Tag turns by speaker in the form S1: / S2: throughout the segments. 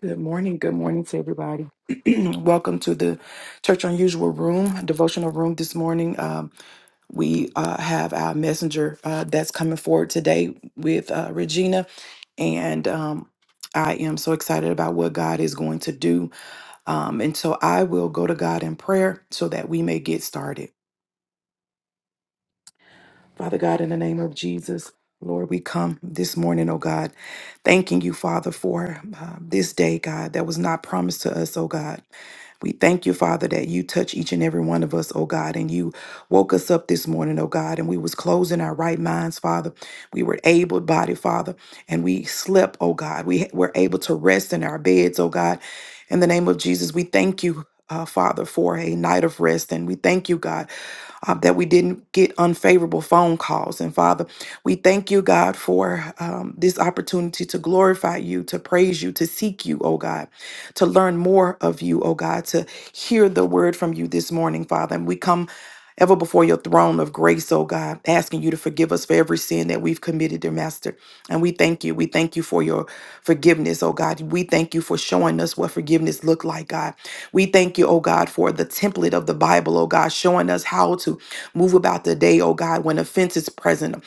S1: Good morning. Good morning to everybody. Welcome to the Church Unusual Room, devotional room this morning. Um, we uh, have our messenger uh, that's coming forward today with uh, Regina. And um, I am so excited about what God is going to do. Um, and so I will go to God in prayer so that we may get started. Father God, in the name of Jesus, Lord, we come this morning, oh God, thanking you, Father, for uh, this day, God, that was not promised to us, oh God. We thank you, Father, that you touch each and every one of us, oh God, and you woke us up this morning, oh God, and we was closing our right minds, Father. We were able body, Father, and we slept, oh God. We were able to rest in our beds, oh God. In the name of Jesus, we thank you. Uh, Father, for a night of rest. And we thank you, God, uh, that we didn't get unfavorable phone calls. And Father, we thank you, God, for um, this opportunity to glorify you, to praise you, to seek you, oh God, to learn more of you, oh God, to hear the word from you this morning, Father. And we come ever before your throne of grace, oh God, asking you to forgive us for every sin that we've committed, dear Master. And we thank you. We thank you for your forgiveness, oh God. We thank you for showing us what forgiveness looked like, God. We thank you, oh God, for the template of the Bible, oh God, showing us how to move about the day, oh God, when offense is present,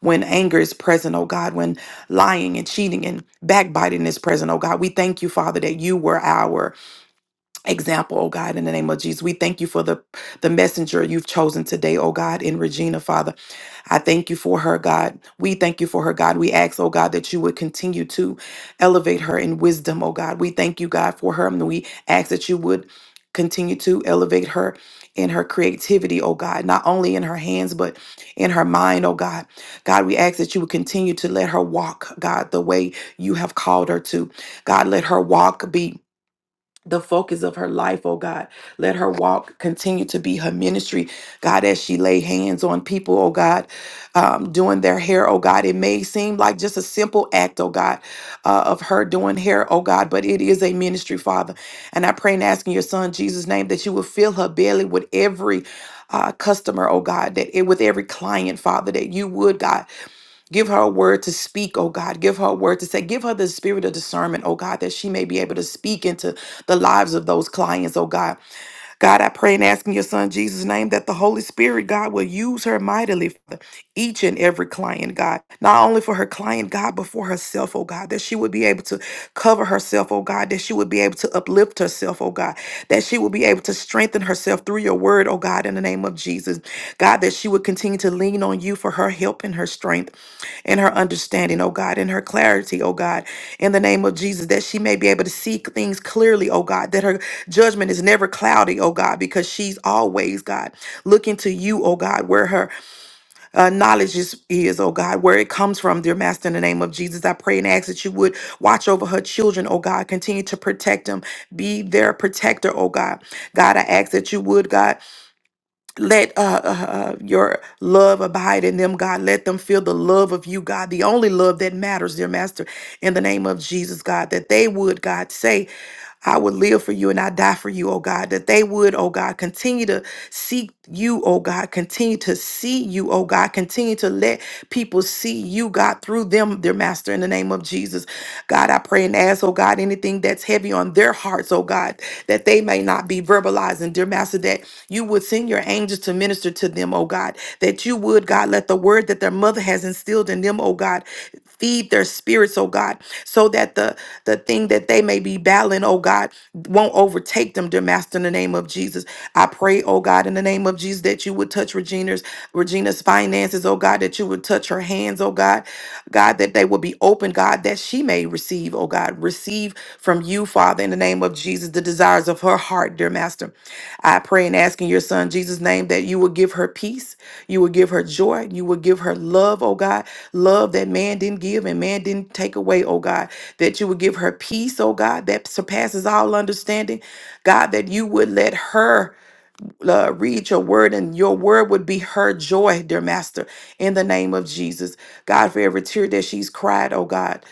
S1: when anger is present, oh God, when lying and cheating and backbiting is present, oh God. We thank you, Father, that you were our example, oh God, in the name of Jesus. We thank you for the, the messenger you've chosen today, oh God, in Regina, Father. I thank you for her, God. We thank you for her, God. We ask, oh God, that you would continue to elevate her in wisdom, oh God. We thank you, God, for her. And we ask that you would continue to elevate her in her creativity, oh God, not only in her hands, but in her mind, oh God. God, we ask that you would continue to let her walk, God, the way you have called her to. God, let her walk be the focus of her life, oh God. Let her walk continue to be her ministry, God, as she lay hands on people, oh God, um, doing their hair, oh God. It may seem like just a simple act, oh God, uh, of her doing hair, oh God, but it is a ministry, Father. And I pray and ask in your son Jesus' name that you will fill her belly with every uh, customer, oh God, that it with every client, Father, that you would, God. Give her a word to speak, oh God. Give her a word to say. Give her the spirit of discernment, oh God, that she may be able to speak into the lives of those clients, oh God. God, I pray and ask in your son Jesus' name that the Holy Spirit, God, will use her mightily for each and every client, God. Not only for her client, God, but for herself, oh God, that she would be able to cover herself, oh God, that she would be able to uplift herself, oh God, that she would be able to strengthen herself through your word, oh God, in the name of Jesus. God, that she would continue to lean on you for her help and her strength in her understanding, oh God, in her clarity, oh God, in the name of Jesus, that she may be able to see things clearly, oh God, that her judgment is never cloudy, oh God, because she's always, God, looking to you, oh God, where her uh, knowledge is, is, oh God, where it comes from, dear Master, in the name of Jesus. I pray and ask that you would watch over her children, oh God, continue to protect them, be their protector, oh God. God, I ask that you would, God, let uh, uh, uh, your love abide in them, God. Let them feel the love of you, God, the only love that matters, dear Master, in the name of Jesus, God, that they would, God, say, I would live for you and I die for you, oh God, that they would, oh God, continue to seek you, oh God, continue to see you, oh God, continue to let people see you, God, through them, dear Master, in the name of Jesus. God, I pray and ask, oh God, anything that's heavy on their hearts, oh God, that they may not be verbalizing, dear Master, that you would send your angels to minister to them, oh God, that you would, God, let the word that their mother has instilled in them, oh God, feed their spirits, oh God, so that the, the thing that they may be battling, oh God, won't overtake them, dear Master, in the name of Jesus. I pray, oh God, in the name of Jesus, that you would touch Regina's Regina's finances, oh God, that you would touch her hands, oh God, God, that they would be open, God, that she may receive, oh God. Receive from you, Father, in the name of Jesus, the desires of her heart, dear Master. I pray and ask in your Son, Jesus' name, that you will give her peace, you will give her joy, you will give her love, oh God, love that man didn't give and man didn't take away, oh God, that you would give her peace, oh God, that surpasses all understanding, God, that you would let her uh, read your word, and your word would be her joy, dear Master, in the name of Jesus. God, for every tear that she's cried, oh God,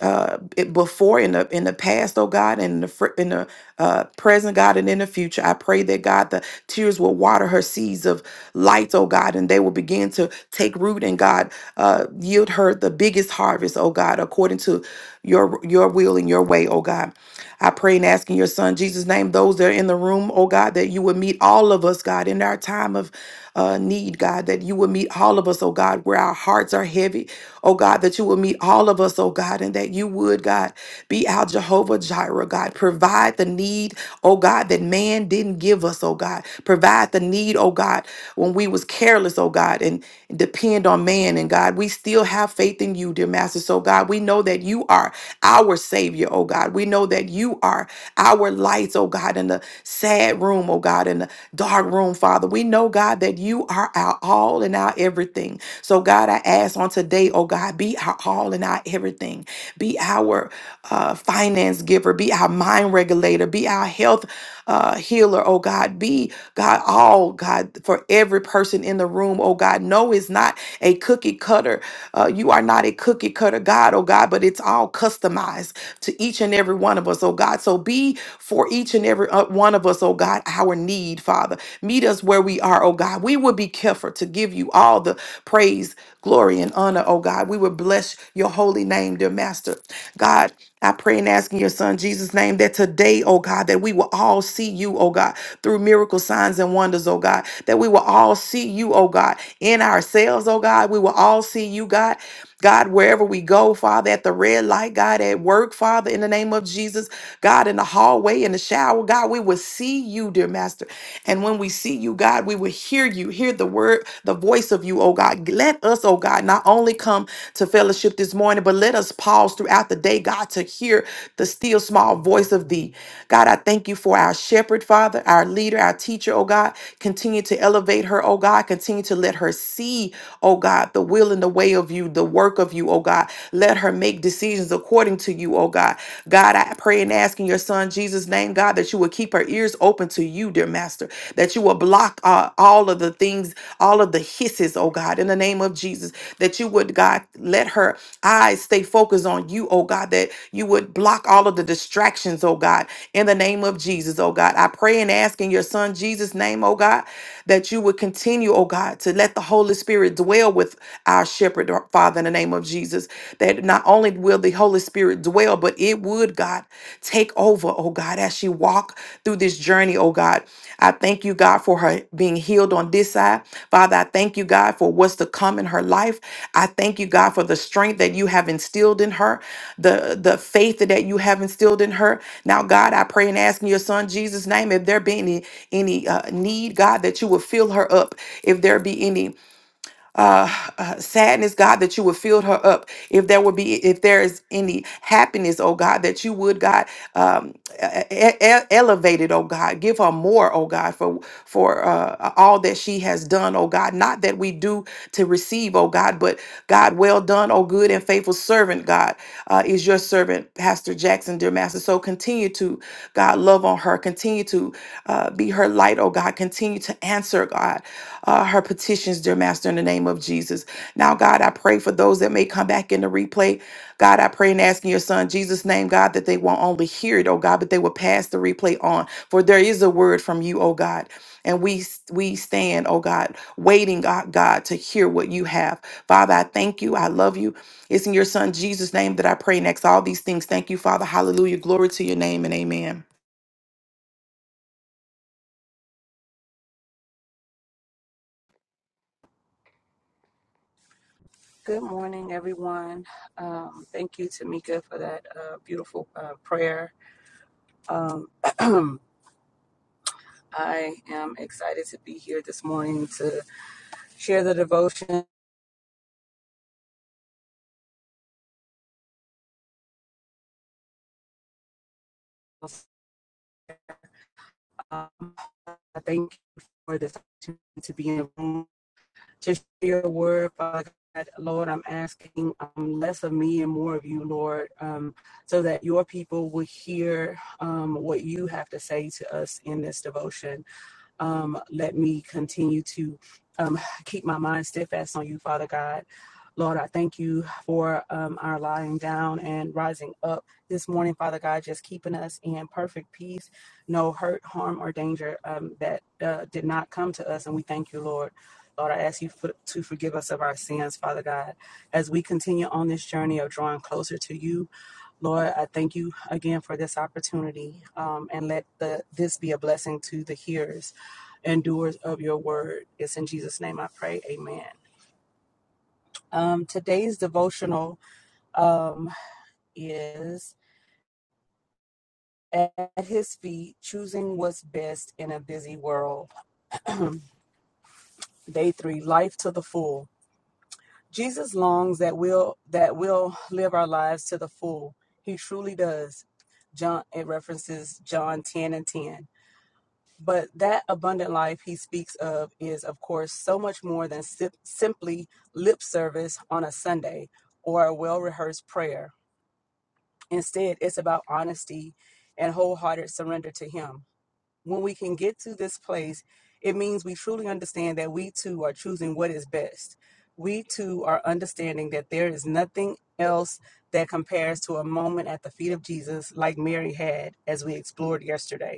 S1: uh, it- before in the in the past, oh God, and in the fr- in the uh, present, God, and in the future, I pray that God, the tears will water her seeds of light, oh God, and they will begin to take root, and God, uh, yield her the biggest harvest, oh God, according to your your will and your way, oh God. I pray and ask in your son Jesus' name, those that are in the room, oh God, that you would meet all of us, God, in our time of uh, need, God, that you would meet all of us, oh God, where our hearts are heavy, oh God, that you would meet all of us, oh God, and that you would, God, be our Jehovah Jireh, God, provide the need, oh God, that man didn't give us, oh God, provide the need, oh God, when we was careless, oh God, and depend on man, and God, we still have faith in you, dear Master, so God, we know that you are our Savior, oh God. We know that you are our lights, oh God, in the sad room, oh God, in the dark room, Father. We know, God, that you are our all and our everything. So, God, I ask on today, oh God, be our all and our everything. Be our uh, finance giver, be our mind regulator, be our health uh, healer, oh God. Be, God, all, God, for every person in the room, oh God. No, it's not a cookie cutter uh, you are not a cookie cutter God, oh God, but it's all customized to each and every one of us, oh God. So be for each and every uh, one of us, oh God, our need, Father. Meet us where we are, oh God. We will be careful to give you all the praise, glory, and honor, oh God. We will bless your holy name, dear Master. God, I pray and ask in your son Jesus' name that today, oh God, that we will all see you, oh God, through miracle signs and wonders, oh God, that we will all see you, oh God, in ourselves, oh God. We will all see you, God, God, wherever we go, Father, at the red light, God, at work, Father, in the name of Jesus, God, in the hallway, in the shower, God, we will see you, dear Master. And when we see you, God, we will hear you, hear the word, the voice of you, oh God. Let us, oh God, not only come to fellowship this morning, but let us pause throughout the day, God, to hear the still small voice of thee. God, I thank you for our shepherd, Father, our leader, our teacher, oh God. Continue to elevate her, oh God. Continue to let her see, oh God, the will and the the way of you, the work of you, oh God. Let her make decisions according to you, oh God. God, I pray and ask in your son Jesus' name, God, that you will keep her ears open to you, dear Master, that you will block uh, all of the things, all of the hisses, oh God, in the name of Jesus, that you would, God, let her eyes stay focused on you, oh God, that you would block all of the distractions, oh God, in the name of Jesus, oh God. I pray and ask in your son Jesus' name, oh God that you would continue, oh God, to let the Holy Spirit dwell with our shepherd, our Father, in the name of Jesus. That not only will the Holy Spirit dwell, but it would, God, take over, oh God, as she walk through this journey, oh God. I thank you, God, for her being healed on this side. God. Father, I thank you, God, for what's to come in her life. I thank you, God, for the strength that you have instilled in her, the, the faith that you have instilled in her. Now, God, I pray and ask in your son Jesus' name, if there be any any uh, need, God, that you will fill her up. If there be any uh, uh, sadness, God, that you would fill her up. If there would be, if there is any happiness, oh God, that you would, God, um, e- e- e, e, elevate it, oh God, give her more, oh God, for for uh, all that she has done, oh God. Not that we do to receive receive, oh God. But God, well done, oh good and faithful servant, God, uh, is your servant, Pastor Jackson, dear Master. So continue to, God, love on her. Continue to uh, be her light, oh God. Continue to answer, God, uh, her petitions, dear Master, in the name of Jesus. Now, God, I pray for those that may come back in the replay. God, I pray and ask in your son Jesus' name, God, that they won't only hear it, oh God, but they will pass the replay on. For there is a word from you, oh God. And we we stand, oh God, waiting, God, God, to hear what you have. Father, I thank you. I love you. It's in your son Jesus' name that I pray next. All these things. Thank you, Father. Hallelujah. Glory to your name and amen.
S2: Good morning, everyone. Um, thank you, Tamika, for that uh, beautiful uh, prayer. Um, I am excited to be here this morning to share the devotion. Um, I thank you for this opportunity to be in the room, to share a word, Father God. Lord, I'm asking um, less of me and more of you, Lord, um, so that your people will hear um, what you have to say to us in this devotion. Um, let me continue to um, keep my mind steadfast on you, Father God. Lord, I thank you for um, our lying down and rising up this morning, Father God, just keeping us in perfect peace, no hurt, harm, or danger um, that uh, did not come to us. And we thank you, Lord. Lord, I ask you for, to forgive us of our sins, Father God, as we continue on this journey of drawing closer to you Lord, I thank you again for this opportunity um, and let the, this be a blessing to the hearers and doers of your word. It's in Jesus' name I pray. Amen. Um, today's devotional um, is At His Feet Choosing What's Best in a Busy World. Day three Life to the Full. Jesus longs that we'll, that we'll live our lives to the full. He truly does. John, it references John 10 and 10. But that abundant life he speaks of is, of course, so much more than sim- simply lip service on a Sunday or a well rehearsed prayer. Instead, it's about honesty and wholehearted surrender to him. When we can get to this place, it means we truly understand that we too are choosing what is best. We too are understanding that there is nothing else that compares to a moment at the feet of Jesus like Mary had as we explored yesterday.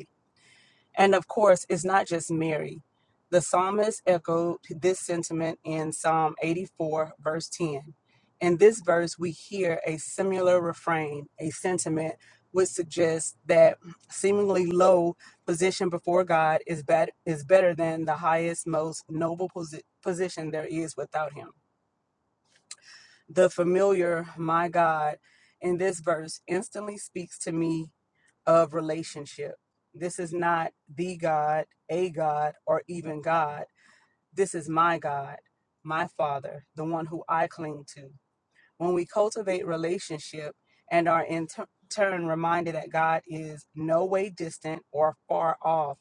S2: And of course, it's not just Mary. The psalmist echoed this sentiment in Psalm 84, verse 10. In this verse, we hear a similar refrain, a sentiment which suggests that seemingly low position before God is, bet- is better than the highest, most noble posi- position there is without Him. The familiar, my God, in this verse instantly speaks to me of relationship. This is not the God, a God, or even God. This is my God, my Father, the one who I cling to. When we cultivate relationship and are in tu- turn reminded that God is no way distant or far off,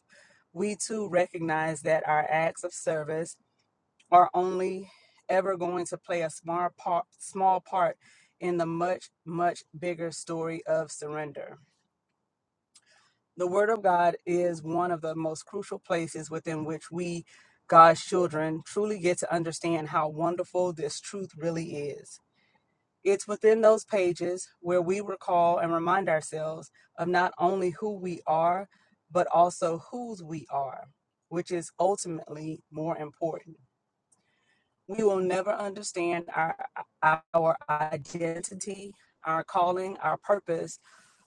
S2: we too recognize that our acts of service are only ever going to play a small part, small part in the much, much bigger story of surrender. The Word of God is one of the most crucial places within which we, God's children, truly get to understand how wonderful this truth really is. It's within those pages where we recall and remind ourselves of not only who we are, but also whose we are, which is ultimately more important. we will never understand our our identity our calling our purpose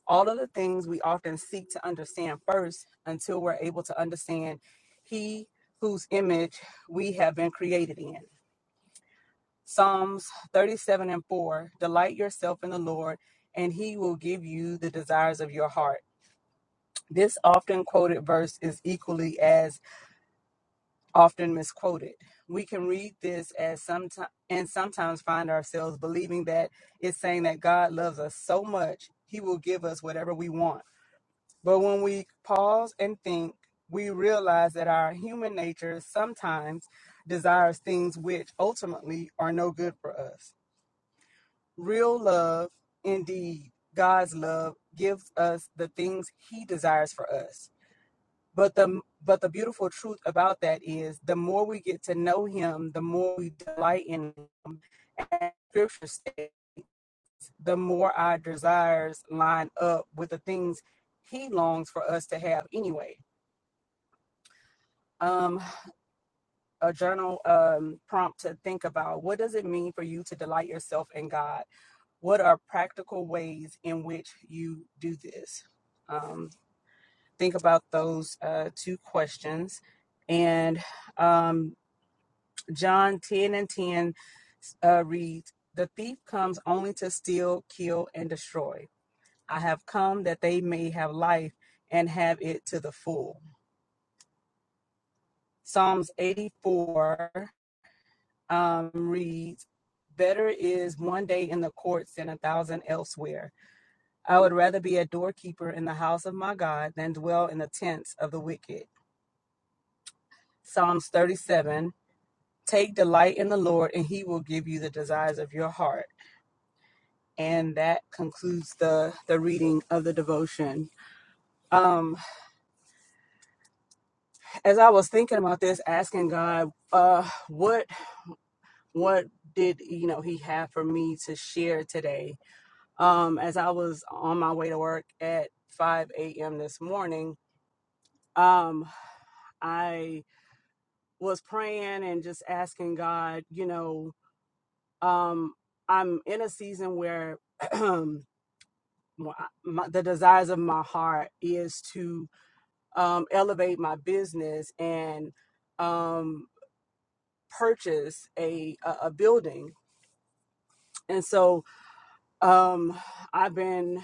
S2: all of the things we often seek to understand first until we're able to understand he whose image we have been created in psalms 37 and 4 delight yourself in the lord and he will give you the desires of your heart this often quoted verse is equally as often misquoted. We can read this as sometimes and sometimes find ourselves believing that it's saying that God loves us so much, he will give us whatever we want. But when we pause and think, we realize that our human nature sometimes desires things which ultimately are no good for us. Real love, indeed, God's love gives us the things he desires for us. But the but the beautiful truth about that is the more we get to know him, the more we delight in him. scripture says, the more our desires line up with the things he longs for us to have anyway. Um, a journal um, prompt to think about what does it mean for you to delight yourself in God? What are practical ways in which you do this? Um, think about those uh, two questions and um, John 10 and 10 uh, reads, The thief comes only to steal, kill, and destroy. I have come that they may have life and have it to the full. Psalms 84 um, reads, Better is one day in the courts than a thousand elsewhere. I would rather be a doorkeeper in the house of my God than dwell in the tents of the wicked. Psalms 37 Take delight in the Lord, and he will give you the desires of your heart. and that concludes the the reading of the devotion um as i was thinking about this asking god uh what what did you know he have for me to share today um as i was on my way to work at 5 a.m this morning um I was praying and just asking God, you know, um, I'm in a season where my, the desires of my heart is to um, elevate my business and um, purchase a, a a building. And so um, I've been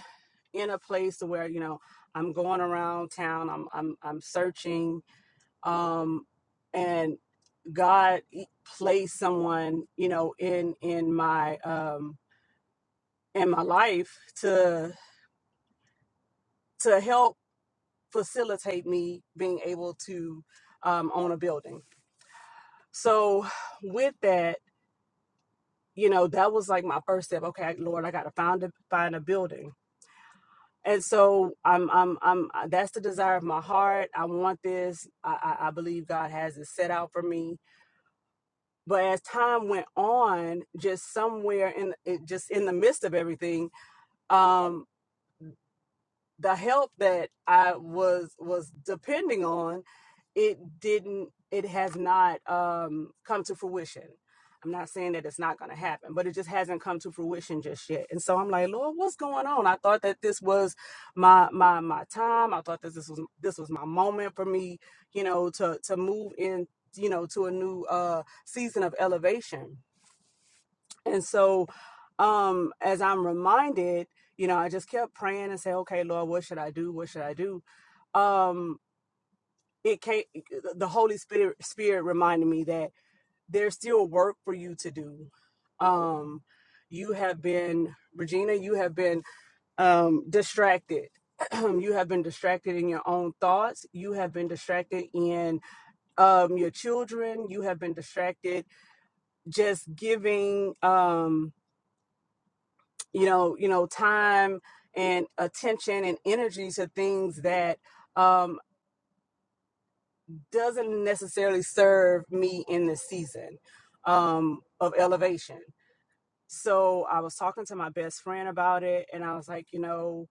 S2: in a place where you know I'm going around town. I'm I'm I'm searching, um, and God e- placed someone you know in in my um, in my life to to help facilitate me being able to um, own a building. So with that you know that was like my first step okay lord i gotta find a find a building and so i'm i'm i'm uh, that's the desire of my heart i want this i i, I believe god has it set out for me but as time went on just somewhere in it, just in the midst of everything um the help that I was was depending on, it didn't it has not um come to fruition. I'm not saying that it's not going to happen, but it just hasn't come to fruition just yet. And so I'm like, Lord, what's going on? I thought that this was my my my time. I thought that this was this was my moment for me, you know, to to move in, you know, to a new uh season of elevation and so, um, as I'm reminded, you know, I just kept praying and say, okay, Lord, what should I do? What should I do? Um, it came, the Holy Spirit, Spirit reminded me that there's still work for you to do. Um, you have been, Regina, you have been um, distracted. you have been distracted in your own thoughts. You have been distracted in um, your children. You have been distracted just giving. Um, you know you know time and attention and energy to things that um, doesn't necessarily serve me in this season um, of elevation so i was talking to my best friend about it and i was like you know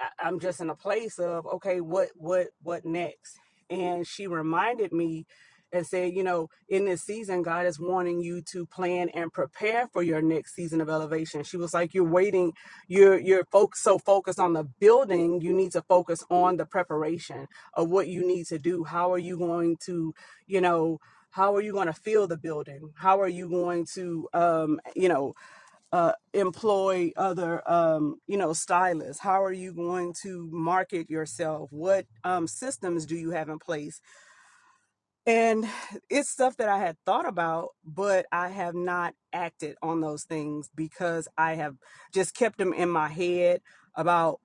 S2: I- I'm just in a place of okay, what what what next? And she reminded me and said, you know, in this season, God is wanting you to plan and prepare for your next season of elevation. She was like, you're waiting, you're you're fo- so focused on the building, you need to focus on the preparation of what you need to do. How are you going to, you know, how are you going to feel the building? How are you going to, um, you know, uh, employ other um, you know stylists how are you going to market yourself what um, systems do you have in place and it's stuff that i had thought about but i have not acted on those things because i have just kept them in my head about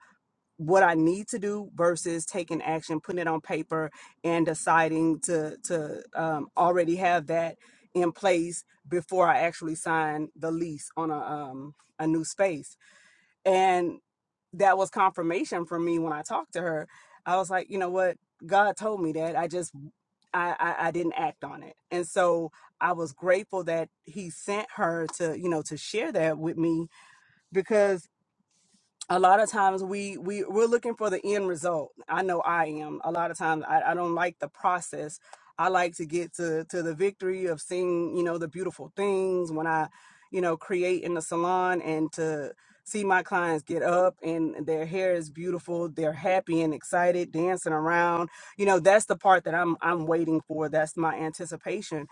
S2: what I need to do versus taking action, putting it on paper, and deciding to to um, already have that in place before I actually sign the lease on a um, a new space. And that was confirmation for me when I talked to her. I was like, you know what, God told me that. I just I, I, I didn't act on it, and so I was grateful that He sent her to you know to share that with me because a lot of times we we we're looking for the end result i know i am a lot of times i, I don't like the process i like to get to to the victory of seeing you know the beautiful things when i you know create in the salon and to see my clients get up and their hair is beautiful they're happy and excited dancing around you know that's the part that i'm i'm waiting for that's my anticipation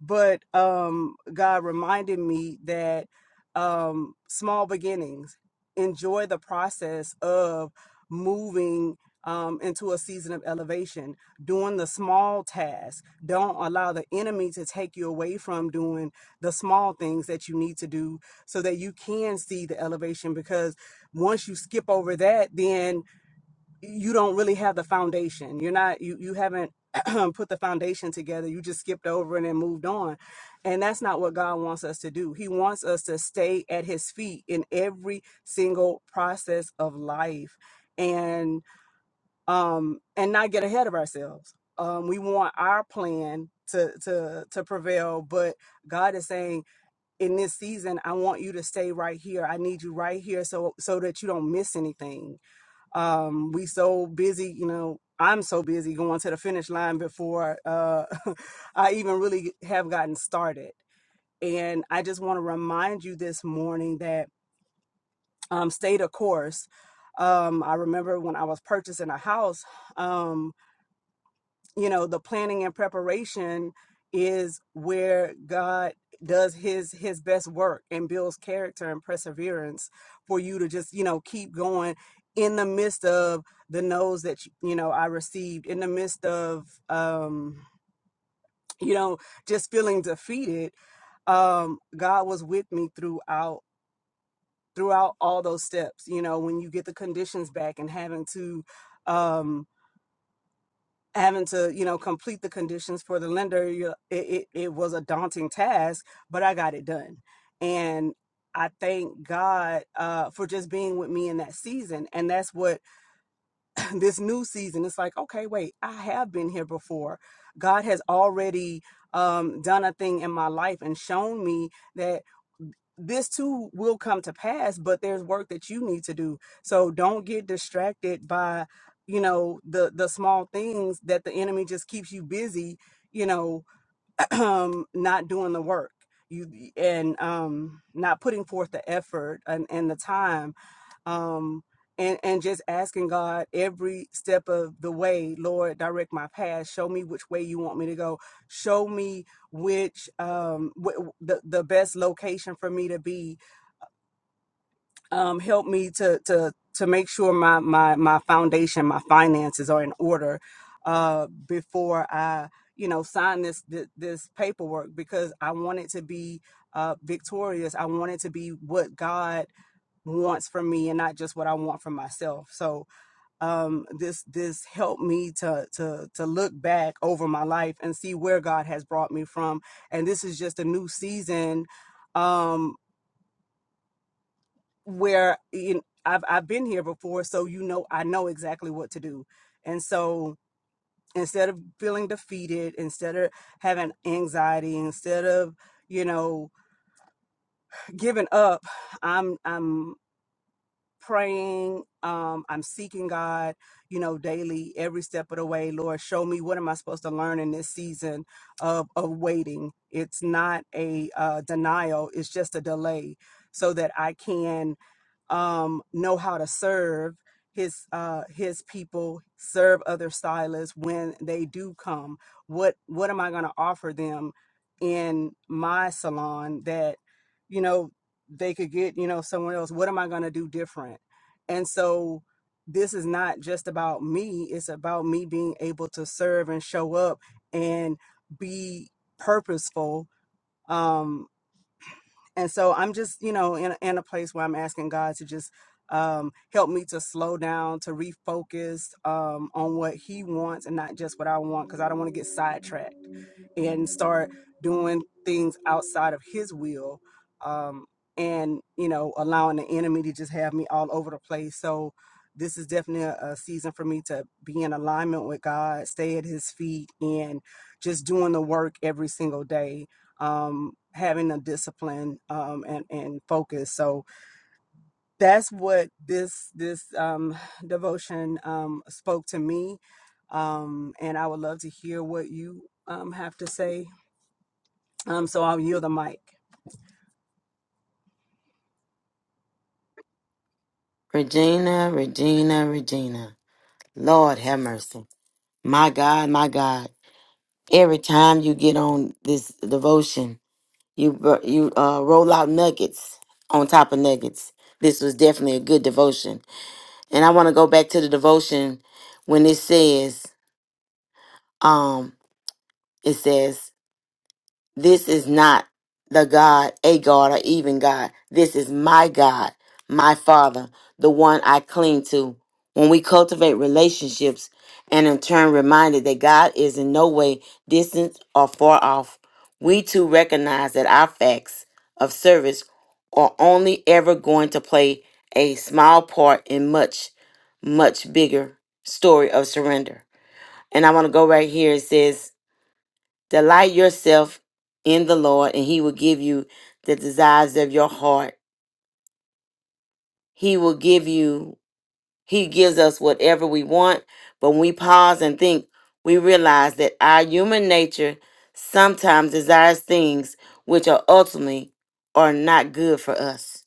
S2: but um, God reminded me that um, small beginnings, enjoy the process of moving um, into a season of elevation, doing the small tasks. Don't allow the enemy to take you away from doing the small things that you need to do so that you can see the elevation. Because once you skip over that, then you don't really have the foundation. You're not you you haven't put the foundation together. You just skipped over and then moved on. And that's not what God wants us to do. He wants us to stay at his feet in every single process of life and um and not get ahead of ourselves. Um we want our plan to to to prevail, but God is saying in this season I want you to stay right here. I need you right here so so that you don't miss anything um we so busy you know i'm so busy going to the finish line before uh i even really have gotten started and i just want to remind you this morning that um stay the course um i remember when i was purchasing a house um, you know the planning and preparation is where god does his his best work and builds character and perseverance for you to just you know keep going in the midst of the no's that you you know i received in the midst of um you know just feeling defeated um god was with me throughout throughout all those steps you know when you get the conditions back and having to um having to you know complete the conditions for the lender you, it, it, it was a daunting task but i got it done and i thank god uh, for just being with me in that season and that's what this new season it's like okay wait i have been here before god has already um, done a thing in my life and shown me that this too will come to pass but there's work that you need to do so don't get distracted by you know the the small things that the enemy just keeps you busy you know um not doing the work you and um not putting forth the effort and, and the time um, and and just asking God every step of the way, Lord, direct my path. Show me which way you want me to go. Show me which um wh- the the best location for me to be. Um, help me to to to make sure my my my foundation, my finances are in order uh before I you know sign this th- this paperwork because I want it to be uh victorious. I want it to be what God wants from me and not just what I want from myself. So um, this this helped me to to to look back over my life and see where God has brought me from. And this is just a new season um, where you know, I've I've been here before, so you know I know exactly what to do. And so instead of feeling defeated, instead of having anxiety, instead of you know giving up, I'm I'm. praying um i'm seeking god you know daily every step of the way lord show me what am i supposed to learn in this season of of waiting it's not a uh, denial it's just a delay so that i can um, know how to serve his uh, his people, serve other stylists when they do come. What what am I going to offer them in my salon that you know they could get you know somewhere else? What am I going to do different? And so this is not just about me; it's about me being able to serve and show up and be purposeful. Um, and so I'm just, you know, in, in a place where I'm asking God to just um, help me to slow down, to refocus um, on what He wants and not just what I want, because I don't want to get sidetracked and start doing things outside of his will um, and you know allowing the enemy to just have me all over the place so this is definitely a, a season for me to be in alignment with god stay at his feet and just doing the work every single day um, having a discipline um, and and focus. So that's what this this um, devotion um, spoke to me, um, and I would love to hear what you um, have to say. Um, so I'll yield the mic.
S3: Regina, Regina, Regina. Lord have mercy. My God, my God. Every time you get on this devotion, you br- you uh, roll out nuggets on top of nuggets. This was definitely a good devotion. And I want to go back to the devotion when it says, um, it says, This is not the God, a God, or even God. This is my God, my Father, the one I cling to. When we cultivate relationships and in turn reminded that God is in no way distant or far off, we too recognize that our facts of service are only ever going to play a small part in much, much bigger story of surrender. And I want to go right here. It says, Delight yourself in the Lord, and He will give you the desires of your heart. He will give you, He gives us whatever we want. But when we pause and think, we realize that our human nature sometimes desires things which are ultimately are not good for us.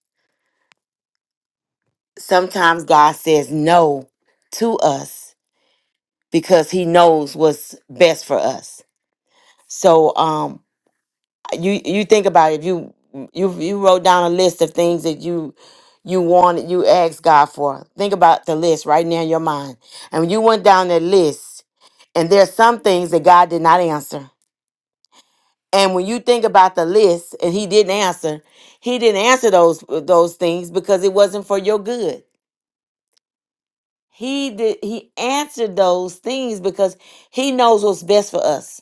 S3: Sometimes God says no to us because He knows what's best for us. So, um, you you think about it, if you you you wrote down a list of things that you you wanted you asked God for. Think about the list right now in your mind. And when you went down that list, and there are some things that God did not answer. And when you think about the list and he didn't answer, he didn't answer those those things because it wasn't for your good. He did he answered those things because he knows what's best for us.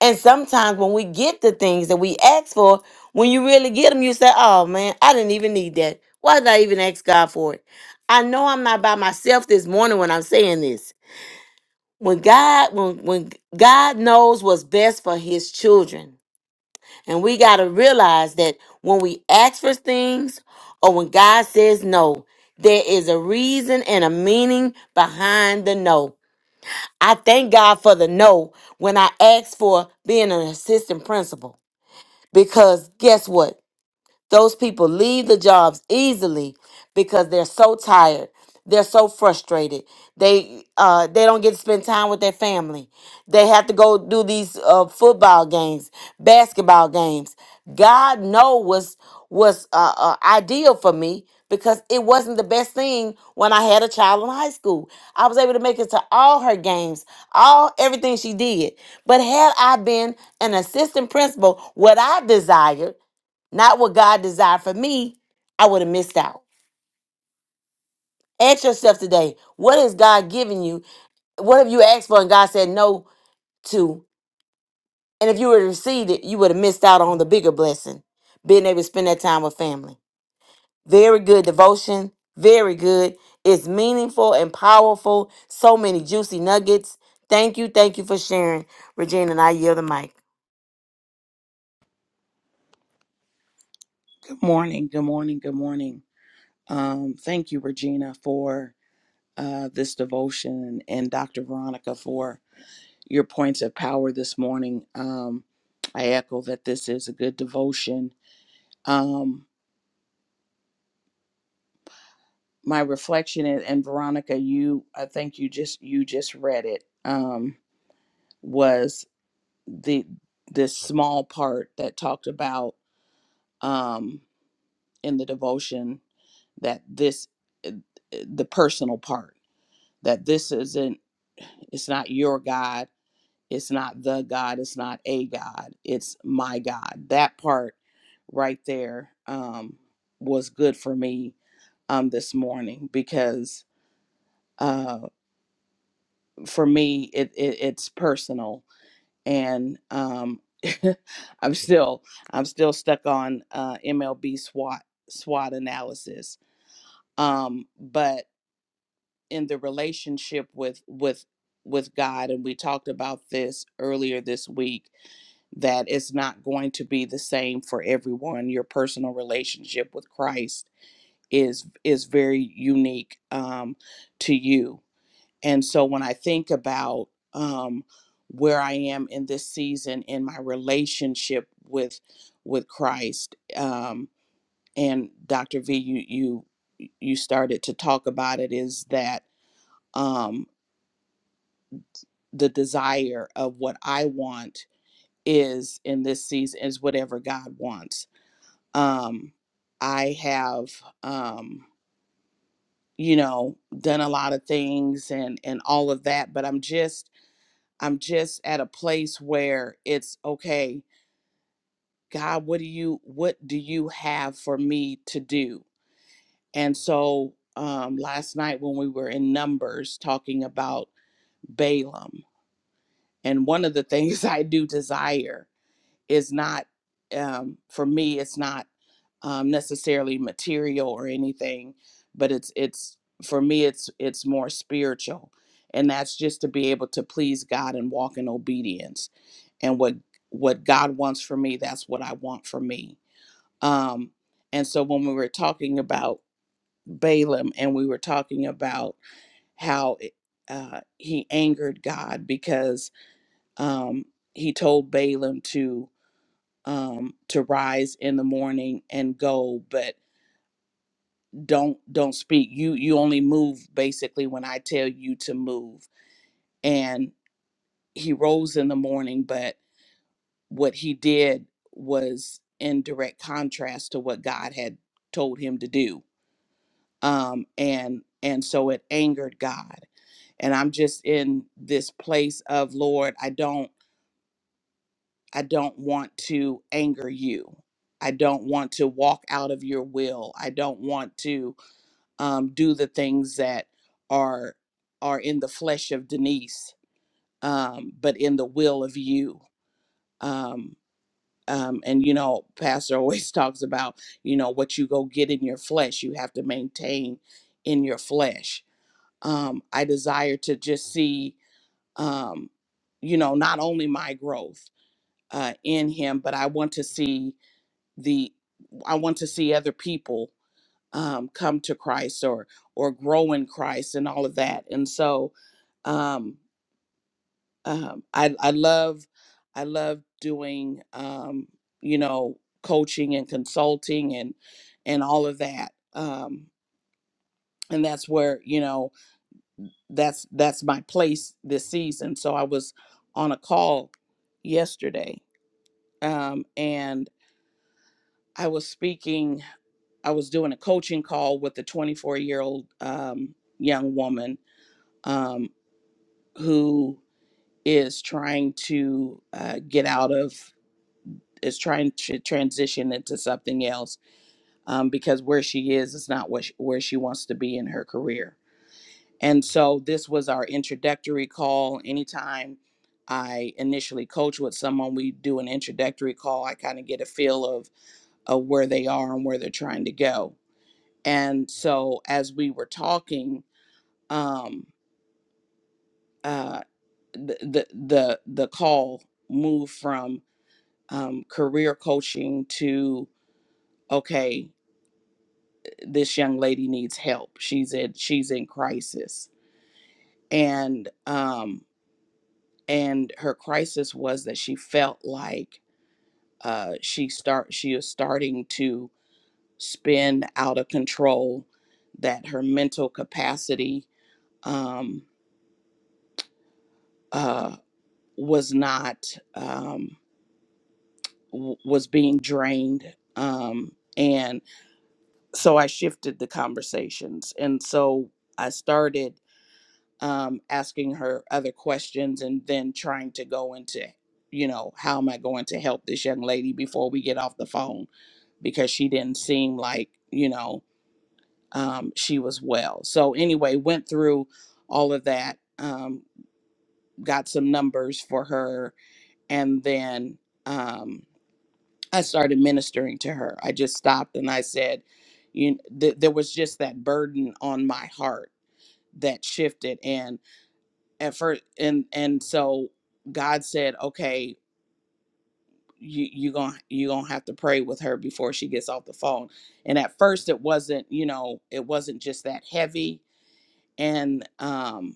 S3: And sometimes when we get the things that we ask for, when you really get them, you say, Oh man, I didn't even need that. Why did I even ask God for it? I know I'm not by myself this morning when I'm saying this. When God, when when God knows what's best for his children. And we got to realize that when we ask for things or when God says no, there is a reason and a meaning behind the no. I thank God for the no when I asked for being an assistant principal because guess what? Those people leave the jobs easily because they're so tired. They're so frustrated. They uh, they don't get to spend time with their family. They have to go do these uh, football games, basketball games. God know was was uh, uh, ideal for me because it wasn't the best thing when I had a child in high school. I was able to make it to all her games, all everything she did. But had I been an assistant principal, what I desired not what God desired for me, I would have missed out. Ask yourself today, what has God given you? What have you asked for and God said no to? And if you would have received it, you would have missed out on the bigger blessing, being able to spend that time with family. Very good devotion, very good. It's meaningful and powerful. So many juicy nuggets. Thank you, thank you for sharing, Regina. And I yield the mic.
S4: Good morning. Good morning. Good morning. Um, thank you, Regina, for uh, this devotion and Dr. Veronica for your points of power this morning. Um, I echo that this is a good devotion. Um, my reflection and, and Veronica, you, I think you just you just read it. Um, was the this small part that talked about um, in the devotion that this uh, the personal part that this isn't it's not your god it's not the god it's not a god it's my god that part right there um was good for me um this morning because uh for me it, it it's personal and um i'm still i'm still stuck on uh mlb swat swat analysis um but in the relationship with with with God and we talked about this earlier this week that it's not going to be the same for everyone. Your personal relationship with Christ is is very unique um, to you. And so when I think about um, where I am in this season in my relationship with with Christ, um, and Dr. V, you you you started to talk about it is that um, the desire of what I want is in this season is whatever God wants. Um, I have, um, you know, done a lot of things and and all of that, but I'm just I'm just at a place where it's okay. God, what do you what do you have for me to do? And so um, last night when we were in Numbers talking about Balaam, and one of the things I do desire is not um, for me it's not um, necessarily material or anything but it's it's for me it's it's more spiritual and that's just to be able to please god and walk in obedience and what what god wants for me that's what i want for me um and so when we were talking about balaam and we were talking about how it, uh, he angered god because um he told balaam to um, to rise in the morning and go, but don't don't speak. You you only move basically when I tell you to move. And he rose in the morning, but what he did was in direct contrast to what God had told him to do. Um, and and so it angered God. And I'm just in this place of Lord, I don't. I don't want to anger you. I don't want to walk out of your will. I don't want to um, do the things that are are in the flesh of Denise, um, but in the will of you. Um, um, and you know, Pastor always talks about you know what you go get in your flesh. You have to maintain in your flesh. Um, I desire to just see, um, you know, not only my growth uh, in Him, but I want to see the I want to see other people um, come to Christ or or grow in Christ and all of that. And so um, um, I I love I love doing um, you know coaching and consulting and and all of that. Um, and that's where you know that's that's my place this season. So I was on a call yesterday um, and I was speaking. I was doing a coaching call with a 24 year old um, young woman um, who is trying to uh, get out of, is trying to transition into something else um, because where she is is not what she, where she wants to be in her career. And so this was our introductory call. Anytime I initially coach with someone, we do an introductory call. I kind of get a feel of, of where they are and where they're trying to go. And so as we were talking, um, uh, the, the the the call moved from um, career coaching to okay, this young lady needs help. She's at she's in crisis, and um, and her crisis was that she felt like uh, she start she is starting to spin out of control, that her mental capacity um, uh, was not. Um, w- was being drained um, and so i shifted the conversations and so i started um, asking her other questions and then trying to go into you know how am i going to help this young lady before we get off the phone because she didn't seem like you know um, she was well so anyway went through all of that um, got some numbers for her and then um, I started ministering to her. I just stopped and I said, you th- there was just that burden on my heart that shifted and at first and and so God said, "Okay, you you going to you going to have to pray with her before she gets off the phone." And at first it wasn't, you know, it wasn't just that heavy and um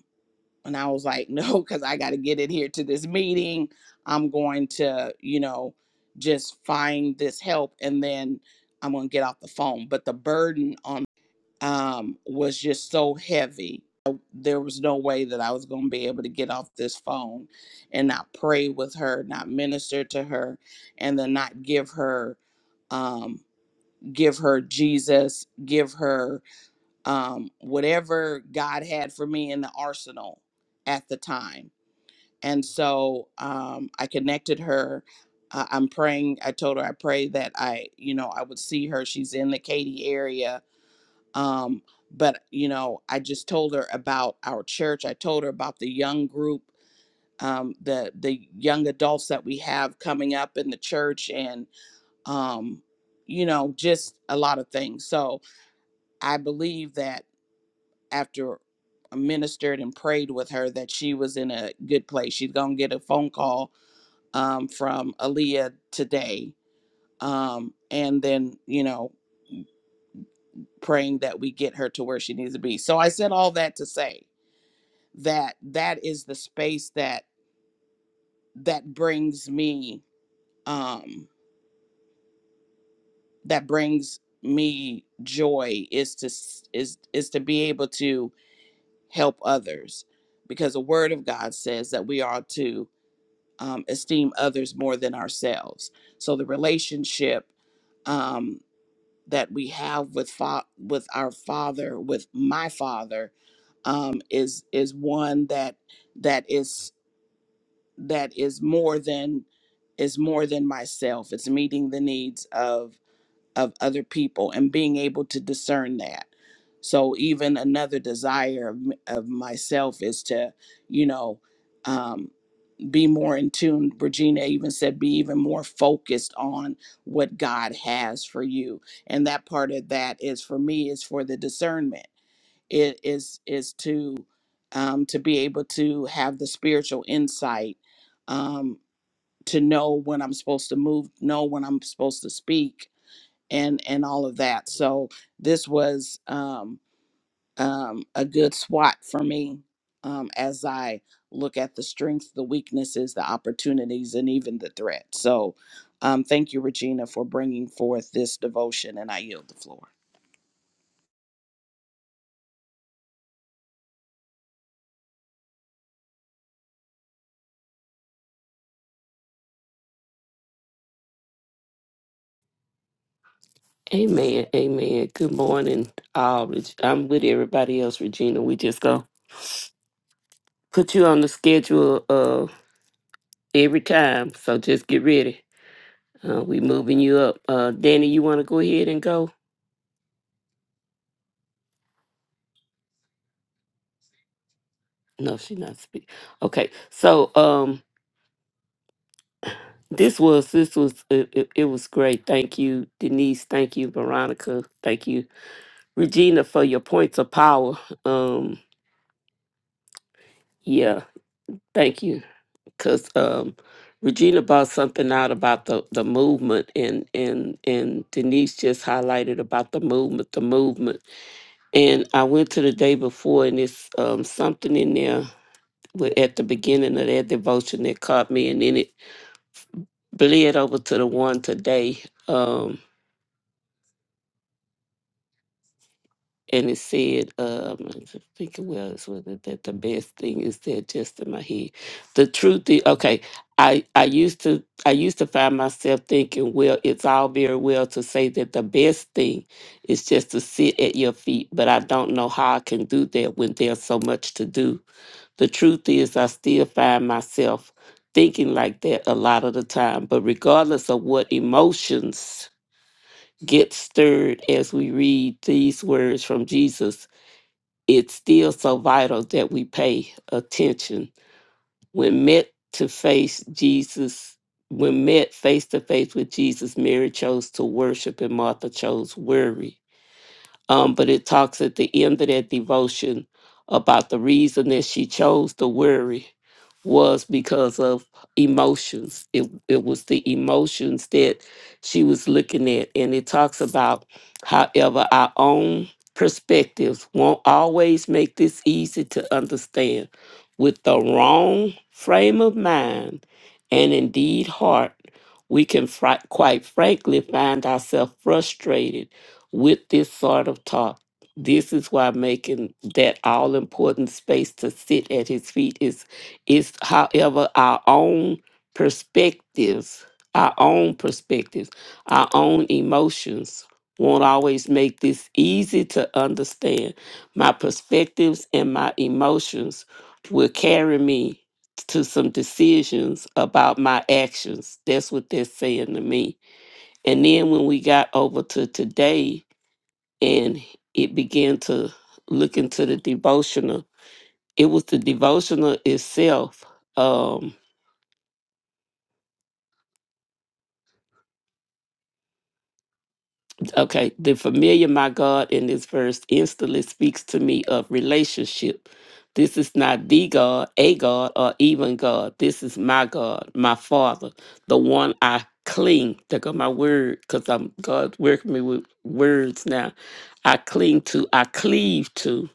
S4: And I was like, no, because I got to get in here to this meeting. I'm going to, you know, just find this help and then I'm going to get off the phone. But the burden on um, was just so heavy. Uh, There was no way that I was going to be able to get off this phone and not pray with her, not minister to her, and then not give her, um, give her Jesus, give her um, whatever God had for me in the arsenal at the time. And so um, I connected her. Uh, I'm praying. I told her I pray that I, you know, I would see her. She's in the Katy area. Um, but you know, I just told her about our church. I told her about the young group, um, the the young adults that we have coming up in the church, and um, you know, just a lot of things. So I believe that after uh, ministered and prayed with her that she was in a good place. She's gonna get a phone call um, from Aaliyah today, um, and then you know praying that we get her to where she needs to be. So I said all that to say that that is the space that that brings me um that brings me joy is to s- is is to be able to help others because the word of God says that we are to um, esteem others more than ourselves. So the relationship um, that we have with fa- with our father, with my father, um, is is one that that is that is more than is more than myself. It's meeting the needs of of other people and being able to discern that. So even another desire of, m- of myself is to, you know. um, be more in tune. Regina even said, be even more focused on what God has for you. And that part of that is for me is for the discernment. It is is to um, to be able to have the spiritual insight um, to know when I'm supposed to move, know when I'm supposed to speak, and and all of that. So this was. Um, um, a good swat for me um, as I look at the strengths, the weaknesses, the opportunities, and even the threat. So, um, thank you, Regina, for bringing forth this devotion, and I yield the floor.
S5: Amen. Amen. Good morning. all. I'm with everybody else, Regina. We just go put you on the schedule uh, every time. So just get ready. Uh, we moving you up. Uh, Danny, you want to go ahead and go? No, she not speak. Okay. So um, this was this was it, it, it was great. Thank you, Denise. Thank you, Veronica. Thank you, Regina, for your points of power. Um, yeah. Thank you. because um, Regina brought something out about the, the movement, and, and and Denise just highlighted about the movement, the movement. And I went to the day before, and it's um, something in there with, at the beginning of that devotion that caught me, and then it bled over to the one today. Um, and it said, um, I'm thinking, well, it's was it that the best thing is that just in my head. The truth is, okay, I, I used to I used to find myself thinking, well, it's all very well to say that the best thing is just to sit at your feet, but I don't know how I can do that when there's so much to do. The truth is, I still find myself thinking like that a lot of the time, but regardless of what emotions get stirred as we read these words from Jesus it's still so vital that we pay attention. When met to face Jesus, when met face to face with Jesus, Mary chose to worship and Martha chose worry. Um, but it talks at the end of that devotion about the reason that she chose to worry was because of emotions. It, it was the emotions that she was looking at. And it talks about, however, our own perspectives won't always make this easy to understand. With the wrong frame of mind and indeed heart, we can fri- quite frankly find ourselves frustrated with this sort of talk. This is why making that all important space to sit at his feet is is however our own perspectives, our own perspectives, our own emotions won't always make this easy to understand. My perspectives and my emotions will carry me to some decisions about my actions. That's what they're saying to me. And then when we got over to today, and it began to look into the devotional. It was the devotional itself. um, Okay, the familiar my God in this verse instantly speaks to me of relationship. This is not the God, a God, or even God. This is my God, my Father, the one I cling. There go my word, because I'm God working me with words now. I cling to, I cleave to.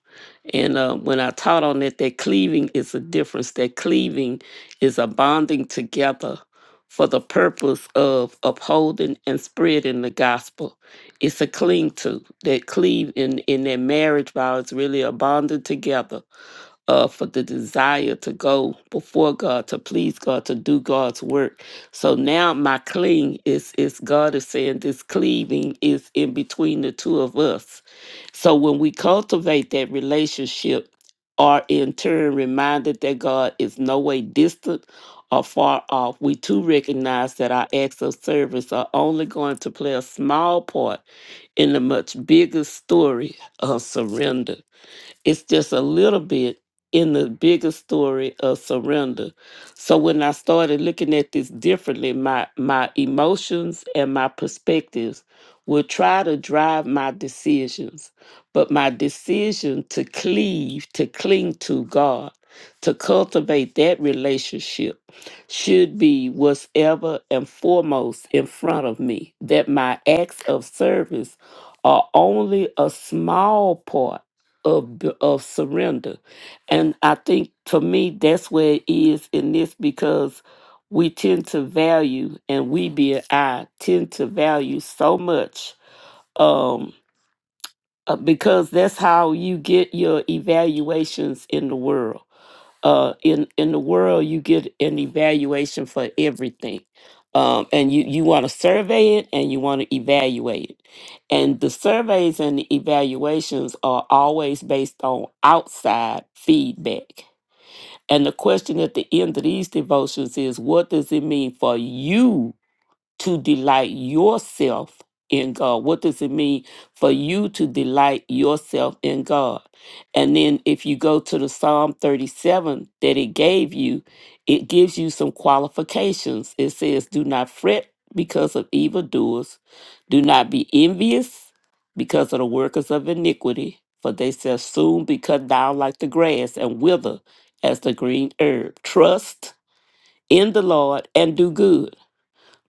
S5: And uh, when I taught on it, that cleaving is a difference. That cleaving is a bonding together for the purpose of upholding and spreading the gospel it's a cling to that cleave in in that marriage vow is really a bonding together uh for the desire to go before god to please god to do god's work so now my cling is is god is saying this cleaving is in between the two of us so when we cultivate that relationship are in turn reminded that god is no way distant or far off we too recognize that our acts of service are only going to play a small part in the much bigger story of surrender. It's just a little bit in the bigger story of surrender. So when I started looking at this differently, my my emotions and my perspectives will try to drive my decisions, but my decision to cleave, to cling to God, to cultivate that relationship should be what's ever and foremost in front of me. That my acts of service are only a small part of the- of surrender and i think to me that's where it is in this because we tend to value and we being i tend to value so much um uh, because that's how you get your evaluations in the world uh, in in the world, you get an evaluation for everything, um, and you you want to survey it and you want to evaluate it, and the surveys and the evaluations are always based on outside feedback. And the question at the end of these devotions is, what does it mean for you to delight yourself in God. What does it mean for you to delight yourself in God? And then if you go to the Psalm 37 that it gave you, it gives you some qualifications. It says, Do not fret because of evildoers, do not be envious because of the workers of iniquity, for they shall soon be cut down like the grass and wither as the green herb. Trust in the Lord and do good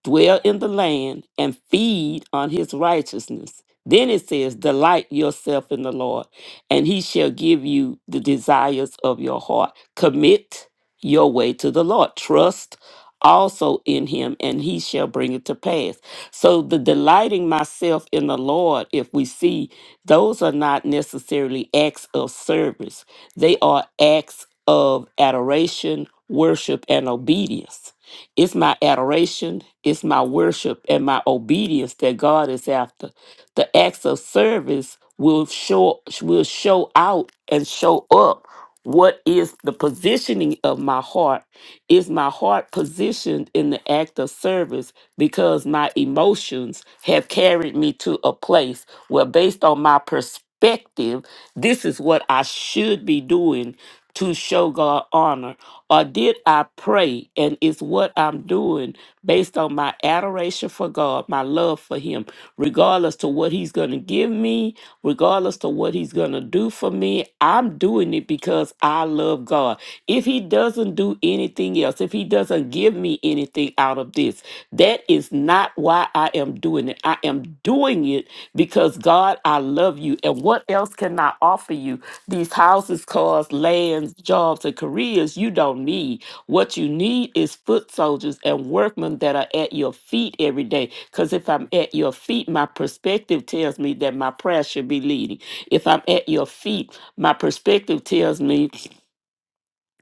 S5: dwell in the land, and feed on his righteousness. Then it says, Delight yourself in the Lord, and he shall give you the desires of your heart. Commit your way to the Lord. Trust also in him, and he shall bring it to pass. So, the delighting myself in the Lord, if we see, those are not necessarily acts of service, they are acts of adoration, worship, and obedience. It's my adoration, it's my worship, and my obedience that God is after. The acts of service will show will show out and show up what is the positioning of my heart. Is my heart positioned in the act of service because my emotions have carried me to a place where based on my perspective, this is what I should be doing to show God honor? Or did I pray and is what what I'm doing based on my adoration for God, my love for Him, regardless to what He's going to give me, regardless to what He's going to do for me. I'm doing it because I love God. If He doesn't do anything else, if He doesn't give me anything out of this, that is not why I am doing it. I am doing it because God, I love you. And what else can I offer you? These houses, cars, lands, jobs, and careers you don't need. What you need is foot soldiers and workmen that are at your feet every day. Because if I'm at your feet, my perspective tells me that my prayer should be leading. If I'm at your feet, my perspective tells me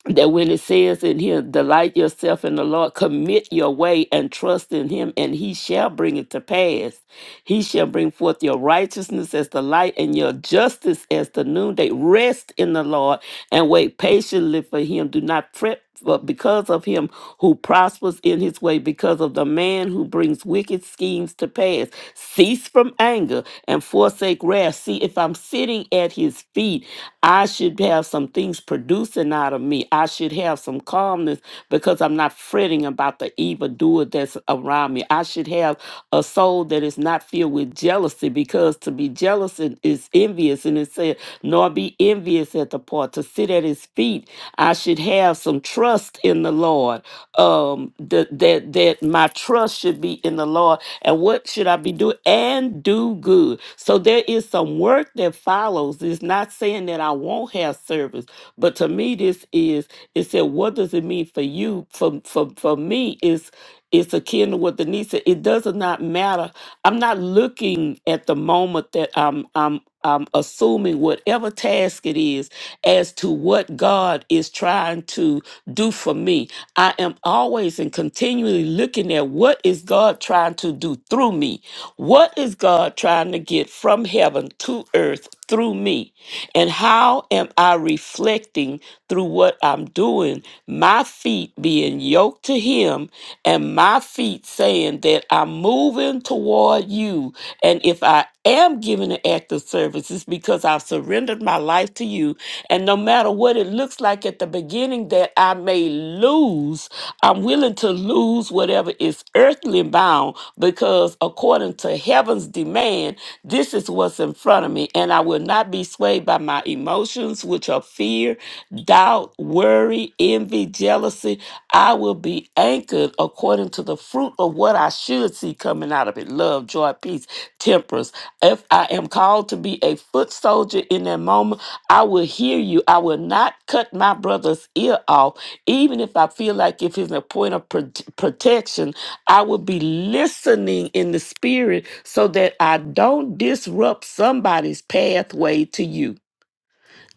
S5: that when it says in here, delight yourself in the Lord, commit your way and trust in him, and he shall bring it to pass. He shall bring forth your righteousness as the light and your justice as the noonday. Rest in the Lord and wait patiently for him. Do not fret but because of him who prospers in his way, because of the man who brings wicked schemes to pass. Cease from anger and forsake wrath. See, if I'm sitting at his feet, I should have some things producing out of me. I should have some calmness because I'm not fretting about the evildoer that's around me. I should have have a soul that is not filled with jealousy because to be jealous and- is envious. And it said, nor be envious at the part, to sit at his feet. I should have some trust in the Lord. Um, that, that, that my trust should be in the Lord. And what should I be doing? And do good. So there is some work that follows. It's not saying that I won't have service, but to me, this is, it said, what does it mean for you? For, for, for me, is it's akin to what Denise said. It does not matter. I'm not looking at the moment that I'm I'm I'm assuming whatever task it is as to what God is trying to do for me. I am always and continually looking at what is God trying to do through me? What is God trying to get from heaven to earth through me? And how am I are reflecting through what I'm doing, my feet being yoked to Him, and my feet saying that I'm moving toward you. And if I am giving an act of service, it's because I've surrendered my life to you. And no matter what it looks like at the beginning, that I may lose, I'm willing to lose whatever is earthly bound because, according according to heaven's demand. This is what's in front of me, and I will not be swayed by my emotions, which are fear, doubt, worry, envy, jealousy. I will be anchored according to the fruit of what I should see coming out of it love, joy, peace, temperance. If I am called to be a foot soldier in that moment, I will hear you. I will not cut my brother's ear off, even if I feel like if it's a point of pro- protection I will be listening in the spirit so that I don't disrupt somebody's pathway to you.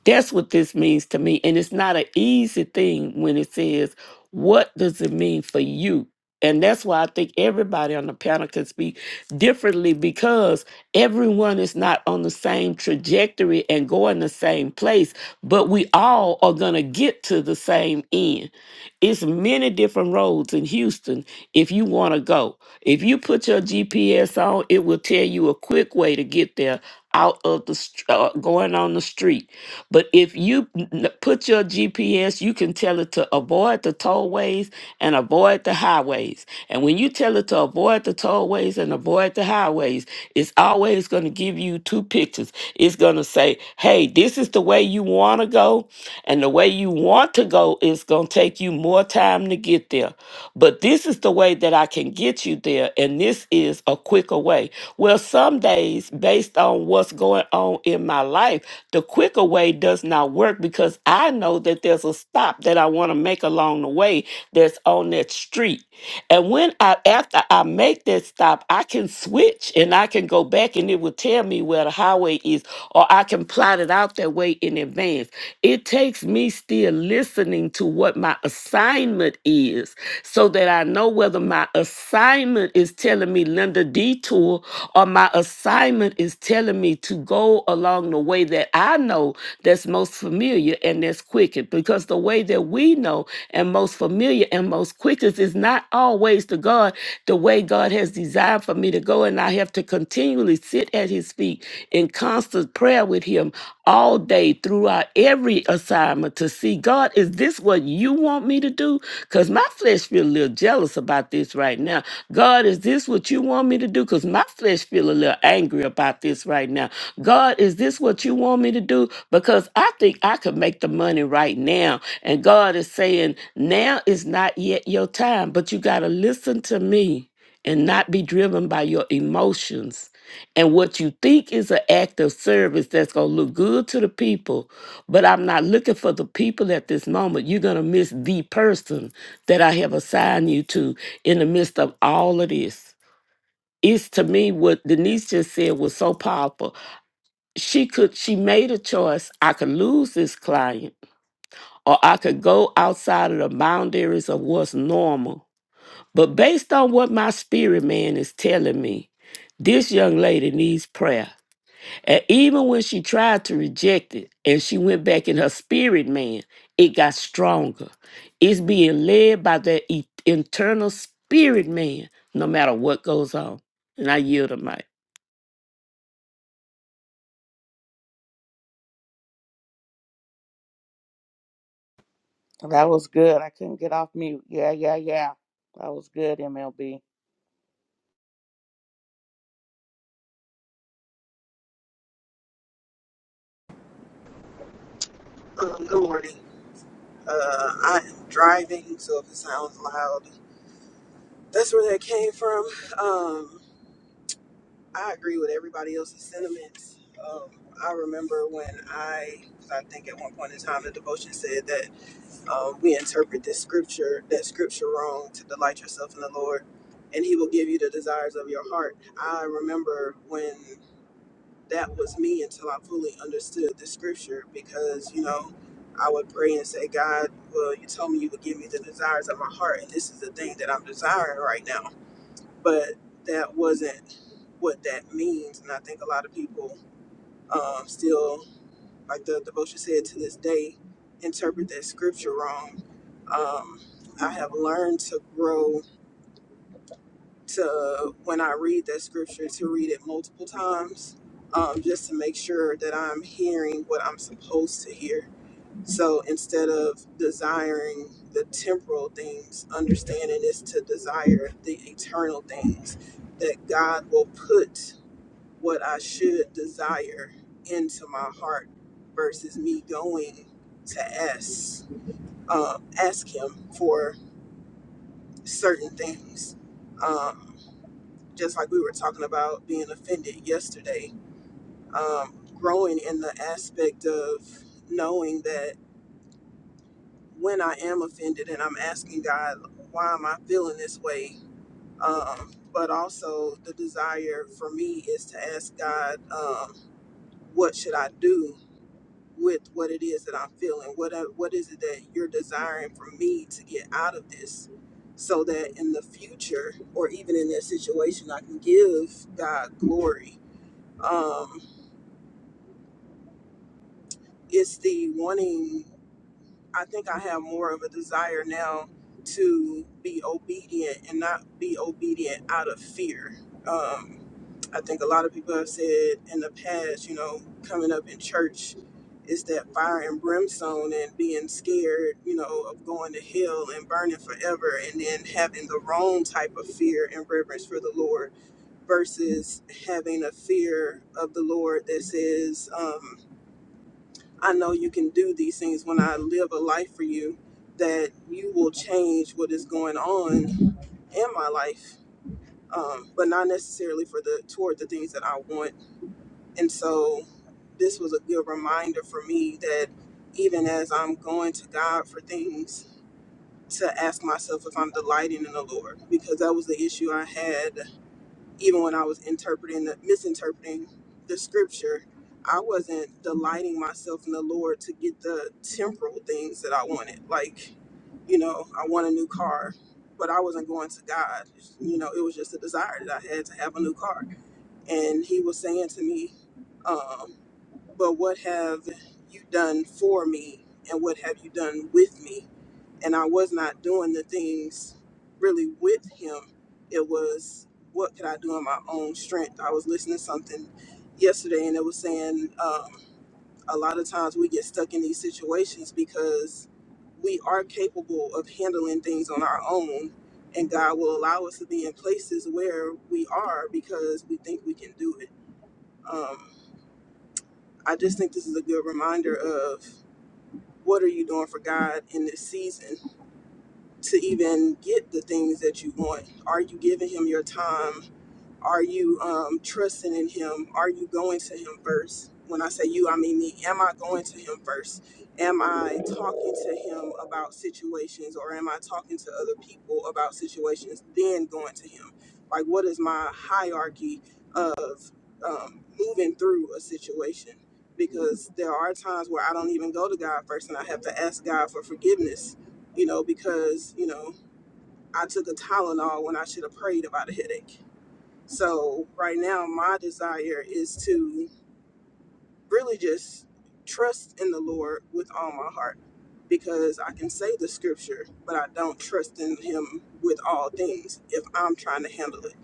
S5: That's what this means to me. And it's not an easy thing when it says, What does it mean for you? And that's why I think everybody on the panel can speak differently because everyone is not on the same trajectory and going the same place, but we all are going to get to the same end. It's many different roads in Houston if you want to go. If you put your GPS on, it will tell you a quick way to get there out of the str- uh, going on the street. But if you n- put your GPS, you can tell it to avoid the tollways and avoid the highways. And when you tell it to avoid the tollways and avoid the highways, it's always going to give you two pictures. It's going to say, hey, this is the way you want to go. And the way you want to go is going to take you more time to get there. But this is the way that I can get you there, and this is a quicker way. Well, some days, based on what's going on in my life, the quicker way does not work because I know that there's a stop that I want to make along the way that's on that street. And when I after I make that stop, I can switch and I can go back and it will tell me where the highway is, or I can plot it out that way in advance. It takes me still listening to what my assignment is so that I know whether my assignment is telling me Linda detour or my assignment is telling telling me to go along the way that I know that's most familiar and that's quickest. Because the way that we know and most familiar and most quickest is not always the God, the way God has designed for me to go. And I have to continually sit at His feet in constant prayer with Him all day throughout every assignment to see God. God, is this what you want me to do? Because my flesh feel a little jealous about this right now. God, is this what you want me to do? Because my flesh feel a little angry about this right now. God, is this what you want me to do? Because I think I could make the money right now. And God is saying, now is not yet your time, but you got to listen to me and not be driven by your emotions and what you think is an act of service that's going to look good to the people but I'm not looking for the people at this moment. You're going to miss the person that I have assigned you to in the midst of all of this. It's to me what Denise just said was so powerful. She could, she made a choice. I could lose this client or I could go outside of the boundaries of what's normal. But based on what my spirit man is telling me, this young lady needs prayer. And even when she tried to reject it and she went back in her spirit, man, it got stronger. It's being led by that e- internal spirit, man, no matter what goes on. And I yield to mic.
S4: That was good. I couldn't get off mute. Yeah, yeah, yeah. That was good, MLB.
S6: Good morning. Uh, I am driving, so if it sounds loud, that's where that came from. Um, I agree with everybody else's sentiments. Um, I remember when I, 'cause I think at one point in time, the devotion said that um, we interpret this scripture, that scripture wrong, to delight yourself in the Lord, and He will give you the desires of your heart. I remember when that was me until I fully understood the scripture because, you know, I would pray and say, God, well, you told me you would give me the desires of my heart, and this is the thing that I'm desiring right now. But that wasn't what that means. And I think a lot of people um, still, like the devotion said to this day, interpret that scripture wrong. Um, I have learned to grow to when I read that scripture to read it multiple times, um, just to make sure that I'm hearing what I'm supposed to hear. So instead of desiring the temporal things, understanding is to desire the eternal things that God will put what I should desire into my heart versus me going to ask, um, ask Him for certain things. Um, just like we were talking about being offended yesterday, um, growing in the aspect of knowing that when I am offended and I'm asking God, why am I feeling this way? Um, but also the desire for me is to ask God, um, what should I do with what it is that I'm feeling? What uh, what is it that you're desiring for me to get out of this? So that in the future, or even in that situation, I can give God glory Um, it's the wanting i think i have more of a desire now to be obedient and not be obedient out of fear um, i think a lot of people have said in the past you know coming up in church it's that fire and brimstone and being scared you know of going to hell and burning forever and then having the wrong type of fear and reverence for the lord versus having a fear of the lord that says um, I know you can do these things when I live a life for you, that you will change what is going on in my life, um, but not necessarily for the toward the things that I want. And so, this was a good reminder for me that even as I'm going to God for things, to ask myself if I'm delighting in the Lord, because that was the issue I had even when I was interpreting, the, misinterpreting the scripture, I wasn't delighting myself in the Lord to get the temporal things that I wanted. Like, you know, I want a new car, but I wasn't going to God. You know, it was just a desire that I had to have a new car. And He was saying to me, um, but what have you done for me and what have you done with me? And I was not doing the things really with him. It was what could I do in my own strength? I was listening to something yesterday and it was saying um, a lot of times we get stuck in these situations because we are capable of handling things on our own. And God will allow us to be in places where we are because we think we can do it. Um, I just think this is a good reminder of what are you doing for God in this season to even get the things that you want? Are you giving him your time? Are you um, trusting in Him? Are you going to Him first? When I say you, I mean me. Am I going to Him first? Am I talking to Him about situations or am I talking to other people about situations, then going to Him? Like, what is my hierarchy of um, moving through a situation? Because there are times where I don't even go to God first and I have to ask God for forgiveness, you know, because, you know, I took a Tylenol when I should have prayed about a headache so right now, my desire is to really just trust in the Lord with all my heart because I can say the scripture, but I don't trust in Him with all things if I'm trying to handle it.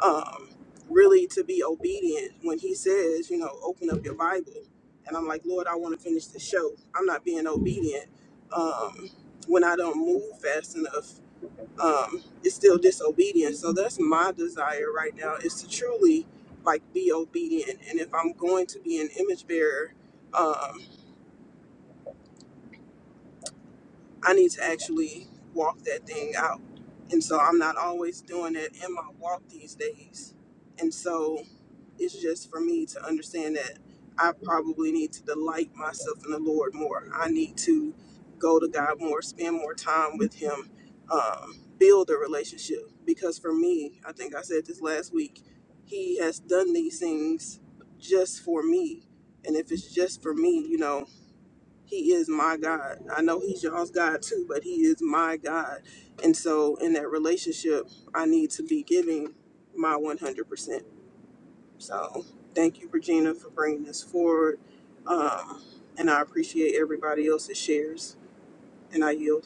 S6: Um, really, to be obedient when He says, you know, open up your Bible. And I'm like, Lord, I want to finish the show. I'm not being obedient um, when I don't move fast enough um, it's still disobedience, So that's my desire right now is to truly like be obedient. And if I'm going to be an image bearer, um, I need to actually walk that thing out. And so I'm not always doing that in my walk these days. And so It's just for me to understand that I probably need to delight myself in the Lord more. I need to go to God more, spend more time with Him, um, build a relationship. Because for me, I think I said this last week, He has done these things just for me. And if it's just for me, you know, He is my God. I know He's y'all's God too, but He is my God. And so in that relationship, I need to be giving my 100%. So thank you, Regina, for bringing this forward. Um, and I appreciate everybody else's shares. And I yield.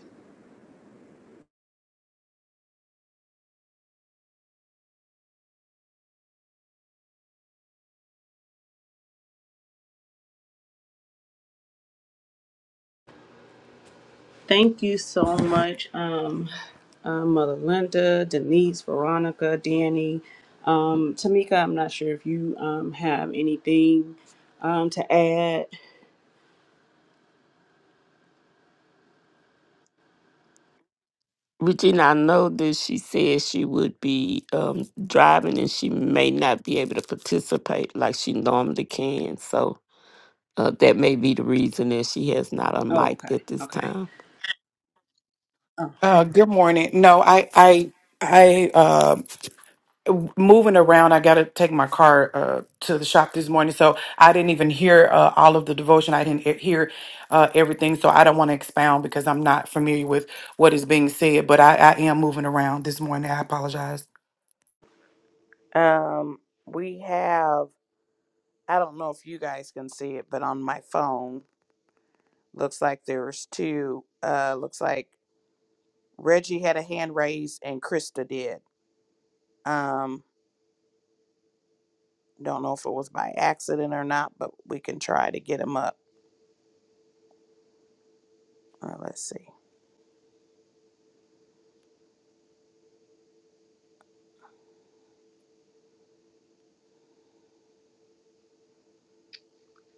S2: Thank you so much. Um, uh, Mother Linda, Denise, Veronica, Danny. Um, Tamika, I'm not sure if you um, have anything um, to add.
S5: Regina, I know that she said she would be um, driving and she may not be able to participate like she normally can. So uh, that may be the reason that she has not
S2: Oh,
S5: unmiked
S2: okay.
S5: at this
S2: Okay.
S5: time.
S2: Oh,
S1: Uh, good morning. No, I, I, I, uh, moving around. I got to take my car uh, to the shop this morning, so I didn't even hear uh, all of the devotion. I didn't he- hear uh, everything, so I don't want to expound because I'm not familiar with what is being said. But I, I am moving around this morning. I apologize.
S4: Um, we have I don't know if you guys can see it, but on my phone, looks like there's two. Uh looks like Reggie had a hand raised and Krista did. Um Don't know if it was by accident or not, but we can try to get him up. Uh, let's see.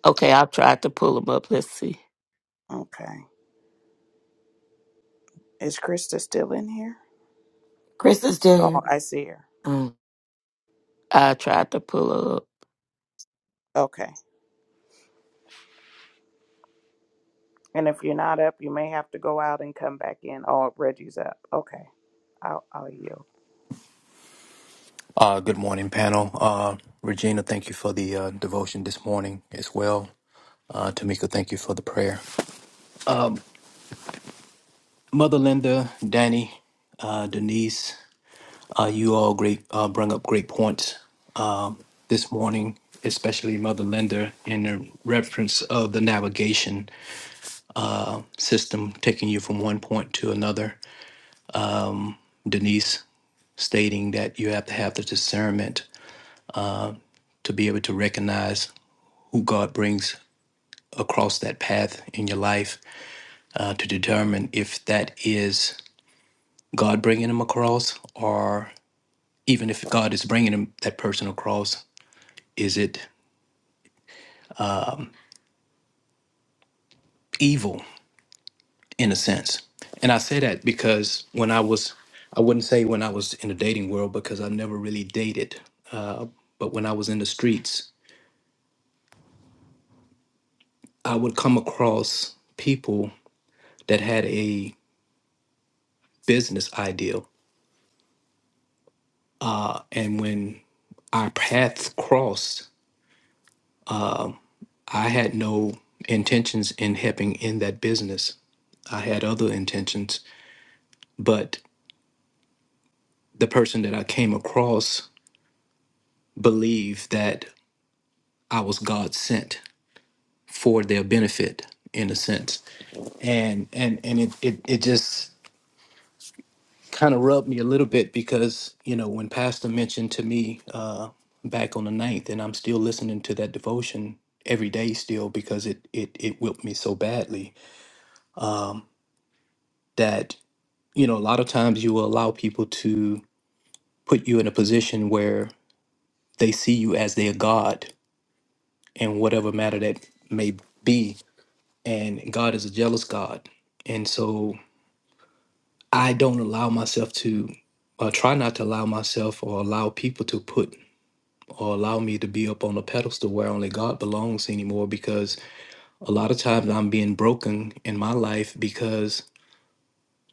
S5: Okay, I tried to pull them up. Let's see.
S4: Okay. Is Krista still in here?
S3: Chris is still
S4: Oh,
S3: here.
S4: I see her.
S3: Mm.
S5: I tried to pull her up.
S4: Okay. And if you're not up, you may have to go out and come back in. Oh, Reggie's up. Okay. I'll, I'll yield.
S7: Uh, good morning, panel. Uh, Regina, thank you for the uh, devotion this morning as well. Uh, Tamika, thank you for the prayer. Mother Linda, Danny, uh, Denise, uh, you all great uh, bring up great points um, this morning, especially Mother Linda in the reference of the navigation system taking you from one point to another. Denise stating that you have to have the discernment to be able to recognize who God brings across that path in your life uh, to determine if that is God bringing him across, or even if God is bringing him that person across, is it evil in a sense? And I say that because when I was, I wouldn't say when I was in the dating world because I never really dated, uh, but when I was in the streets, I would come across people that had a business ideal, and when our paths crossed, I had no intentions in helping in that business. I had other intentions, but the person that I came across believed that I was God sent for their benefit in a sense. And and and it it, it just kind of rubbed me a little bit because, you know, when Pastor mentioned to me uh back on the ninth, and I'm still listening to that devotion every day still because it it it whipped me so badly you know, a lot of times you will allow people to put you in a position where they see you as their God in whatever matter that may be. And God is a jealous God. And so I don't allow myself to, or try not to allow myself or allow people to put or allow me to be up on a pedestal where only God belongs anymore because a lot of times I'm being broken in my life because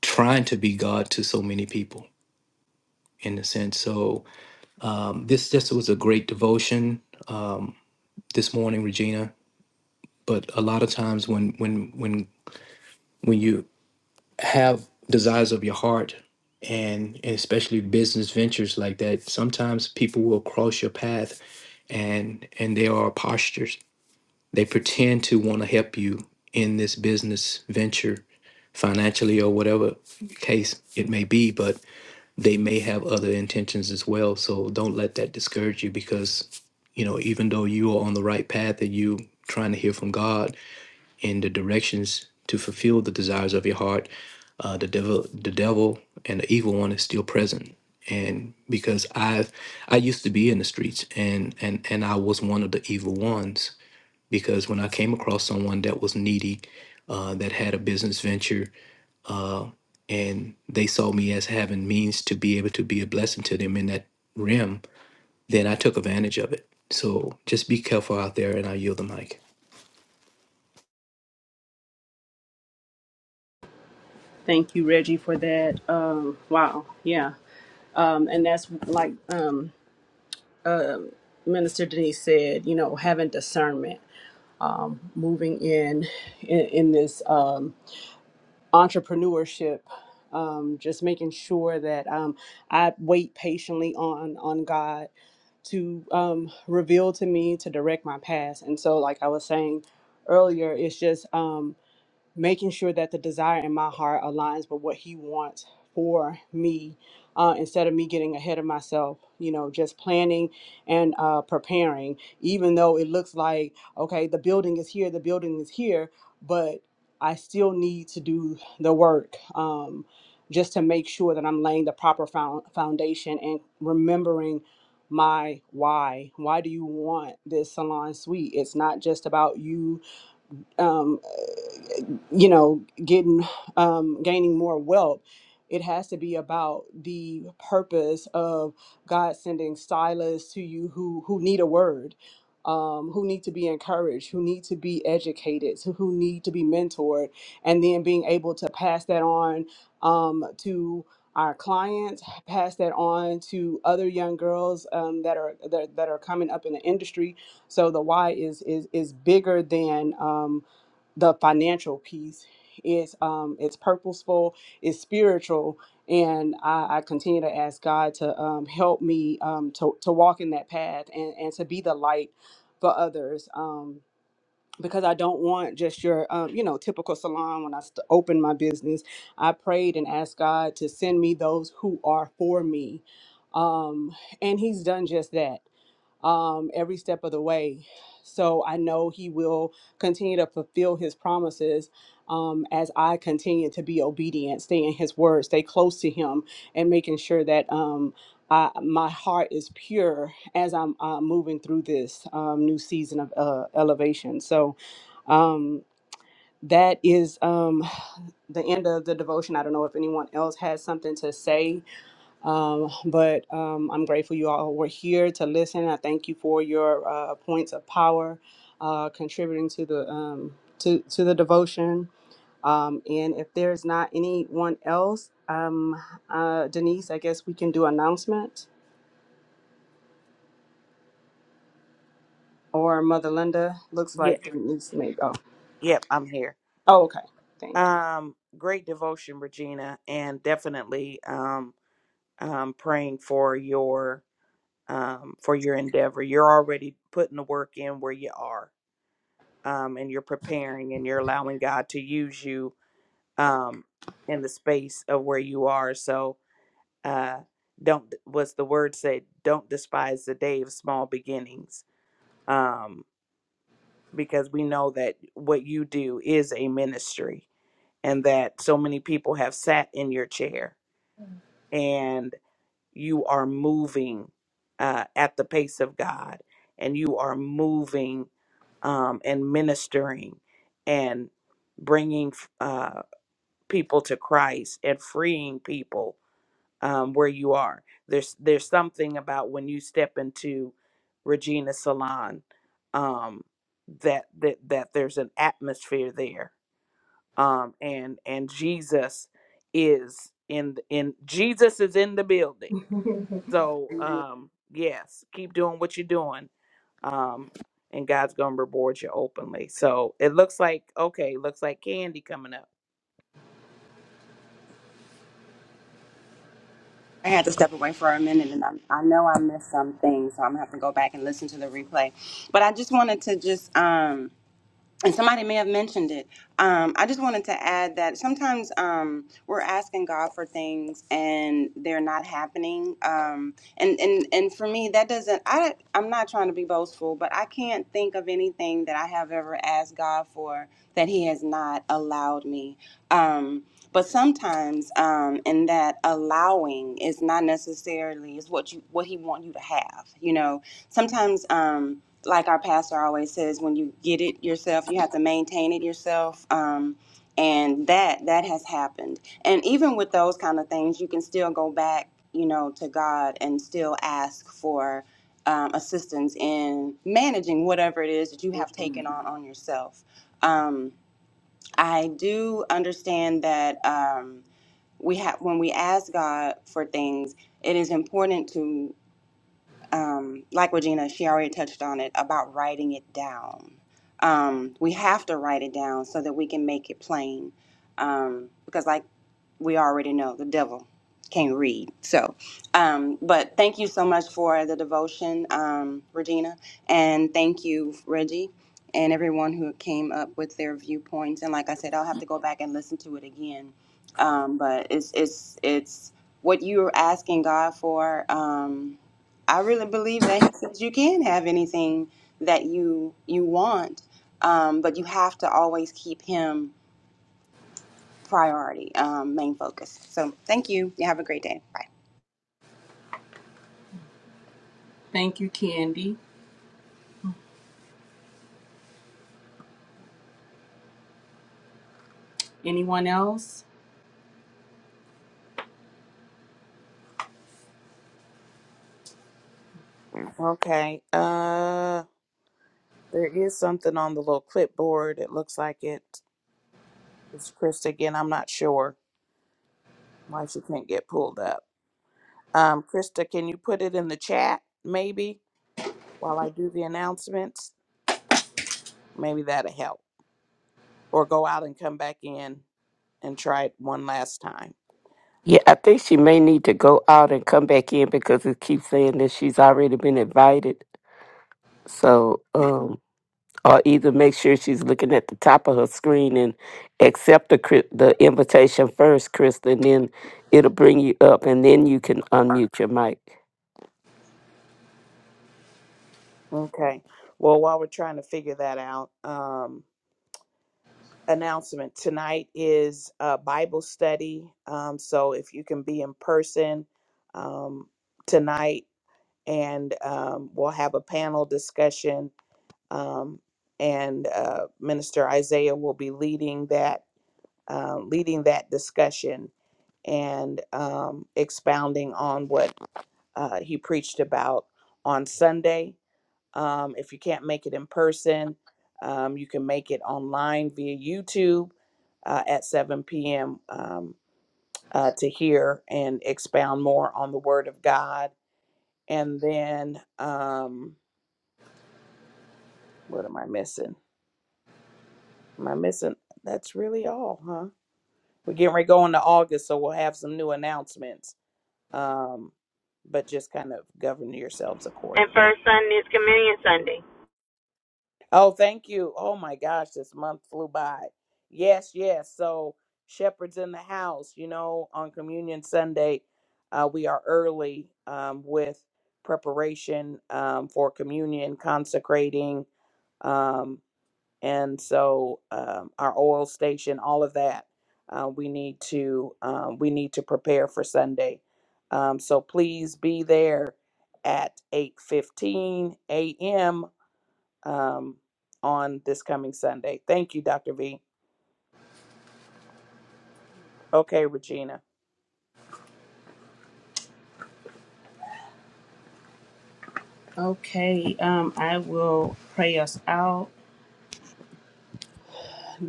S7: trying to be God to so many people in a sense. So um, this just was a great devotion. this morning, Regina. But a lot of times when when when when you have desires of your heart and, and especially business ventures like that, sometimes people will cross your path and and they are postures. They pretend to want to help you in this business venture financially or whatever case it may be, but they may have other intentions as well. So don't let that discourage you because, you know, even though you are on the right path and you trying to hear from God, in the directions to fulfill the desires of your heart, uh, the devil, the devil, and the evil one is still present. And because I've, I used to be in the streets, and and and I was one of the evil ones, because when I came across someone that was needy, uh, that had a business venture, uh, and they saw me as having means to be able to be a blessing to them in that realm, then I took advantage of it. So just be careful out there, and I yield the mic.
S2: thank you, Reggie, for that. Um, wow. Yeah. Um, and that's like um, uh, Minister Denise said, you know, having discernment, moving in in, in this um, entrepreneurship. Um, just making sure that um, I wait patiently on on God to um, reveal to me to direct my past and so like i was saying earlier it's just um, making sure that the desire in my heart aligns with what he wants for me uh, instead of me getting ahead of myself you know just planning and uh, preparing even though it looks like okay the building is here the building is here but i still need to do the work um, just to make sure that i'm laying the proper found foundation and remembering my why why do you want this salon suite it's not just about you um, you know getting um gaining more wealth it has to be about the purpose of god sending silas to you who who need a word um, who need to be encouraged who need to be educated who who need to be mentored and then being able to pass that on um, to our clients pass that on to other young girls um, that are that, that are coming up in the industry so the why is is is bigger than um, the financial piece is um it's purposeful it's spiritual and I, I continue to ask god to um, help me um, to, to walk in that path and, and to be the light for others um, because i don't want just your um, you know typical salon when i st- opened my business i prayed and asked god to send me those who are for me um, and he's done just that um, every step of the way. So I know He will continue to fulfill His promises um, as I continue to be obedient, stay in His word, stay close to Him, and making sure that um, I, my heart is pure as I'm uh, moving through this um, new season of uh, elevation. So um, that is um, the end of the devotion. I don't know if anyone else has something to say um, but um, I'm grateful you all were here to listen. I thank you for your uh, points of power, uh, contributing to the um, to to the devotion. Um, and if there's not anyone else, um, uh, Denise, I guess we can do announcement or Mother Linda. Looks
S4: Yep.
S2: like Denise may go.
S4: Yep. I'm here.
S2: Oh, okay. Thank
S4: Um, great devotion, Regina, and definitely um, um, praying for your um, for your endeavor. You're already putting the work in where you are, um, and you're preparing, and you're allowing God to use you um, in the space of where you are. So uh, don't what's the word said? Don't despise the day of small beginnings, um, because we know that what you do is a ministry, and that so many people have sat in your chair, and you are moving uh, at the pace of God, and you are moving um, and ministering and bringing uh, people to Christ and freeing people um, where you are. There's there's something about when you step into Regina Salon um, that that that there's an atmosphere there, um, and and Jesus is in in Jesus is in the building.
S2: you.
S4: So um, yes, keep doing what you're doing, um, and God's gonna reward you openly. So it looks like okay, looks like candy coming up.
S8: I had to step away for a minute, and I, I know I missed some things, so I'm gonna have to go back and listen to the replay. But I just wanted to just um, and somebody may have mentioned it. Um, I just wanted to add that sometimes um, we're asking God for things and they're not happening. Um, and and and for me, that doesn't. I I'm not trying to be boastful, but I can't think of anything that I have ever asked God for that He has not allowed me. Um, but sometimes, um, in that allowing is not necessarily is what you what He want you to have. You know, sometimes. Um, like our pastor always says, when you get it yourself, you have to maintain it yourself. Um, and that that has happened. And even with those kind of things, you can still go back, you know, to God and still ask for um, assistance in managing whatever it is that you have taken on on yourself. Um, I do understand that um, we have when we ask God for things, it is important to um, like Regina, she already touched on it about writing it down. Um, we have to write it down so that we can make it plain, um, because like we already know, the devil can't read. So, um, but thank you so much for the devotion, um, Regina, and thank you, Reggie, and everyone who came up with their viewpoints. And like I said, I'll have to go back and listen to it again. Um, but it's it's it's what you're asking God for. Um, I really believe that he says you can have anything that you you want, um, but you have to always keep him priority, um, main focus. So thank you. You have a great day. Bye.
S2: thank you, Candy. Anyone else?
S4: Okay, uh. There is something on the little clipboard. It looks like it. It's Krista again. I'm not sure why she can't get pulled up. Um, Krista, can you put it in the chat maybe while I do the announcements? Maybe that'll help. Or go out and come back in and try it one last time.
S5: Yeah, I think she may need to go out and come back in because it keeps saying that she's already been invited. So, um, or either make sure she's looking at the top of her screen and accept the cri- the invitation first, Krista, and then it'll bring you up, and then you can unmute your mic.
S4: Okay. Well, while we're trying to figure that out, um, announcement tonight is a Bible study. Um, so if you can be in person um, tonight, and um, we'll have a panel discussion. Um, and uh, Minister Isaiah will be leading that, uh, leading that discussion and um, expounding on what uh, he preached about on Sunday. Um, if you can't make it in person, um, you can make it online via YouTube uh, at 7 p.m. Um, uh, to hear and expound more on the Word of God. And then, um, What am I missing? Am I missing? That's really all, huh? We're getting ready to go into August, so we'll have some new announcements. Um, but just kind of govern yourselves
S3: And first
S4: accordingly.
S3: Sunday is Communion Sunday.
S4: Oh, thank you. Oh my gosh, this month flew by. Yes, yes. So shepherds in the house. You know, on Communion Sunday, uh, we are early um, with preparation um, for communion, consecrating. Um, and so um, our oil station, all of that, uh, we need to um, we need to prepare for Sunday. Um, so please be there at 8:15 a.m. Um, on this coming Sunday. Thank you, Dr. V. Okay, Regina.
S2: Okay. Um, I will pray us out.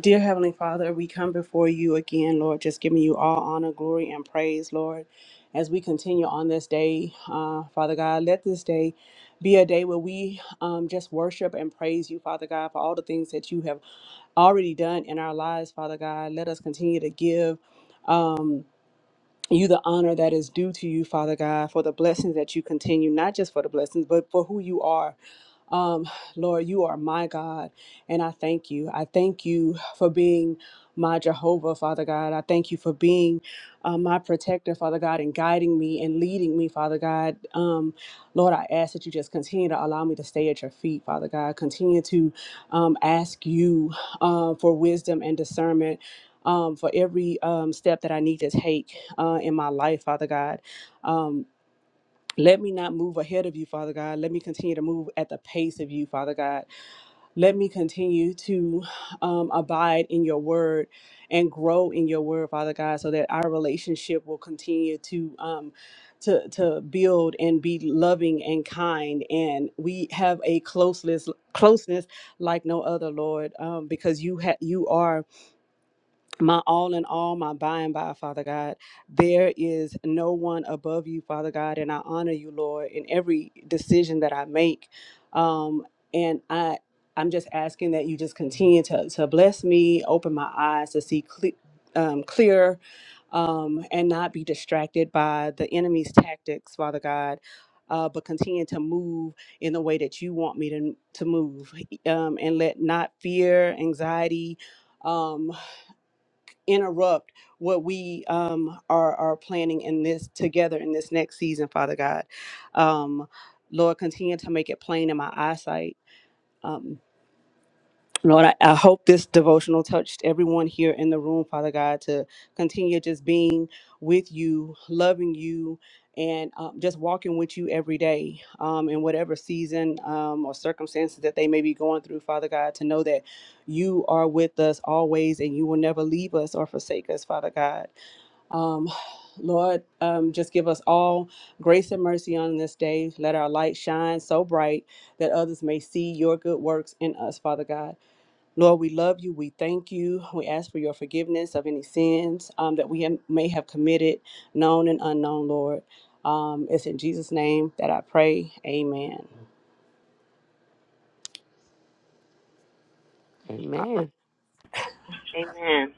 S2: Dear Heavenly Father, we come before you again, Lord, just giving you all honor, glory, and praise, Lord, as we continue on this day. Uh, Father God, let this day be a day where we um, just worship and praise you, Father God, for all the things that you have already done in our lives, Father God. Let us continue to give you the honor that is due to you, Father God, for the blessings that you continue, not just for the blessings, but for who you are. Um, Lord, you are my God, and I thank you. I thank you for being my Jehovah, Father God. I thank you for being uh, my protector, Father God, and guiding me and leading me, Father God. Um, Lord, I ask that you just continue to allow me to stay at your feet, Father God. Continue to um, ask you uh, for wisdom and discernment um, for every um, step that I need to take uh, in my life, Father God. Um, let me not move ahead of you, Father God. Let me continue to move at the pace of you, Father God. Let me continue to um, abide in your word and grow in your word, Father God, so that our relationship will continue to um, to to build and be loving and kind, and we have a closeness closeness like no other, Lord, um, because you have you are my all in all, my by and by, Father God. There is no one above you, Father God, and I honor you, Lord, in every decision that I make. Um, and I, I'm just asking that you just continue to, to bless me, open my eyes to see cle- um, clear, um, and not be distracted by the enemy's tactics, Father God. Uh, but continue to move in the way that you want me to, to move E, um, and let not fear, anxiety, um, interrupt what we um, are are planning in this together in this next season, Father God. Um, Lord, continue to make it plain in my eyesight. Um, Lord, I, I hope this devotional touched everyone here in the room, Father God, to continue just being with you, loving you, and um, just walking with you every day um, in whatever season um, or circumstances that they may be going through, Father God, to know that you are with us always and you will never leave us or forsake us, Father God. Um, Lord, um, just give us all grace and mercy on this day. Let our light shine so bright that others may see your good works in us, Father God. Lord, we love you. We thank you. We ask for your forgiveness of any sins um, that we have, may have committed, known and unknown, Lord. Um, it's in Jesus' name that I pray. Amen.
S5: Amen.
S3: Amen.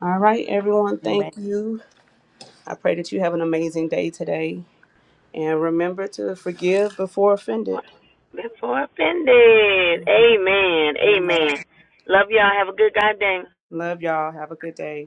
S2: All right, everyone,
S4: Amen.
S2: thank you. I pray that you have an amazing day today. And remember to forgive before offended.
S3: Before offended. Amen.
S4: Amen.
S3: Amen. Love y'all. Have a good goddamn.
S2: Love y'all. Have a good day.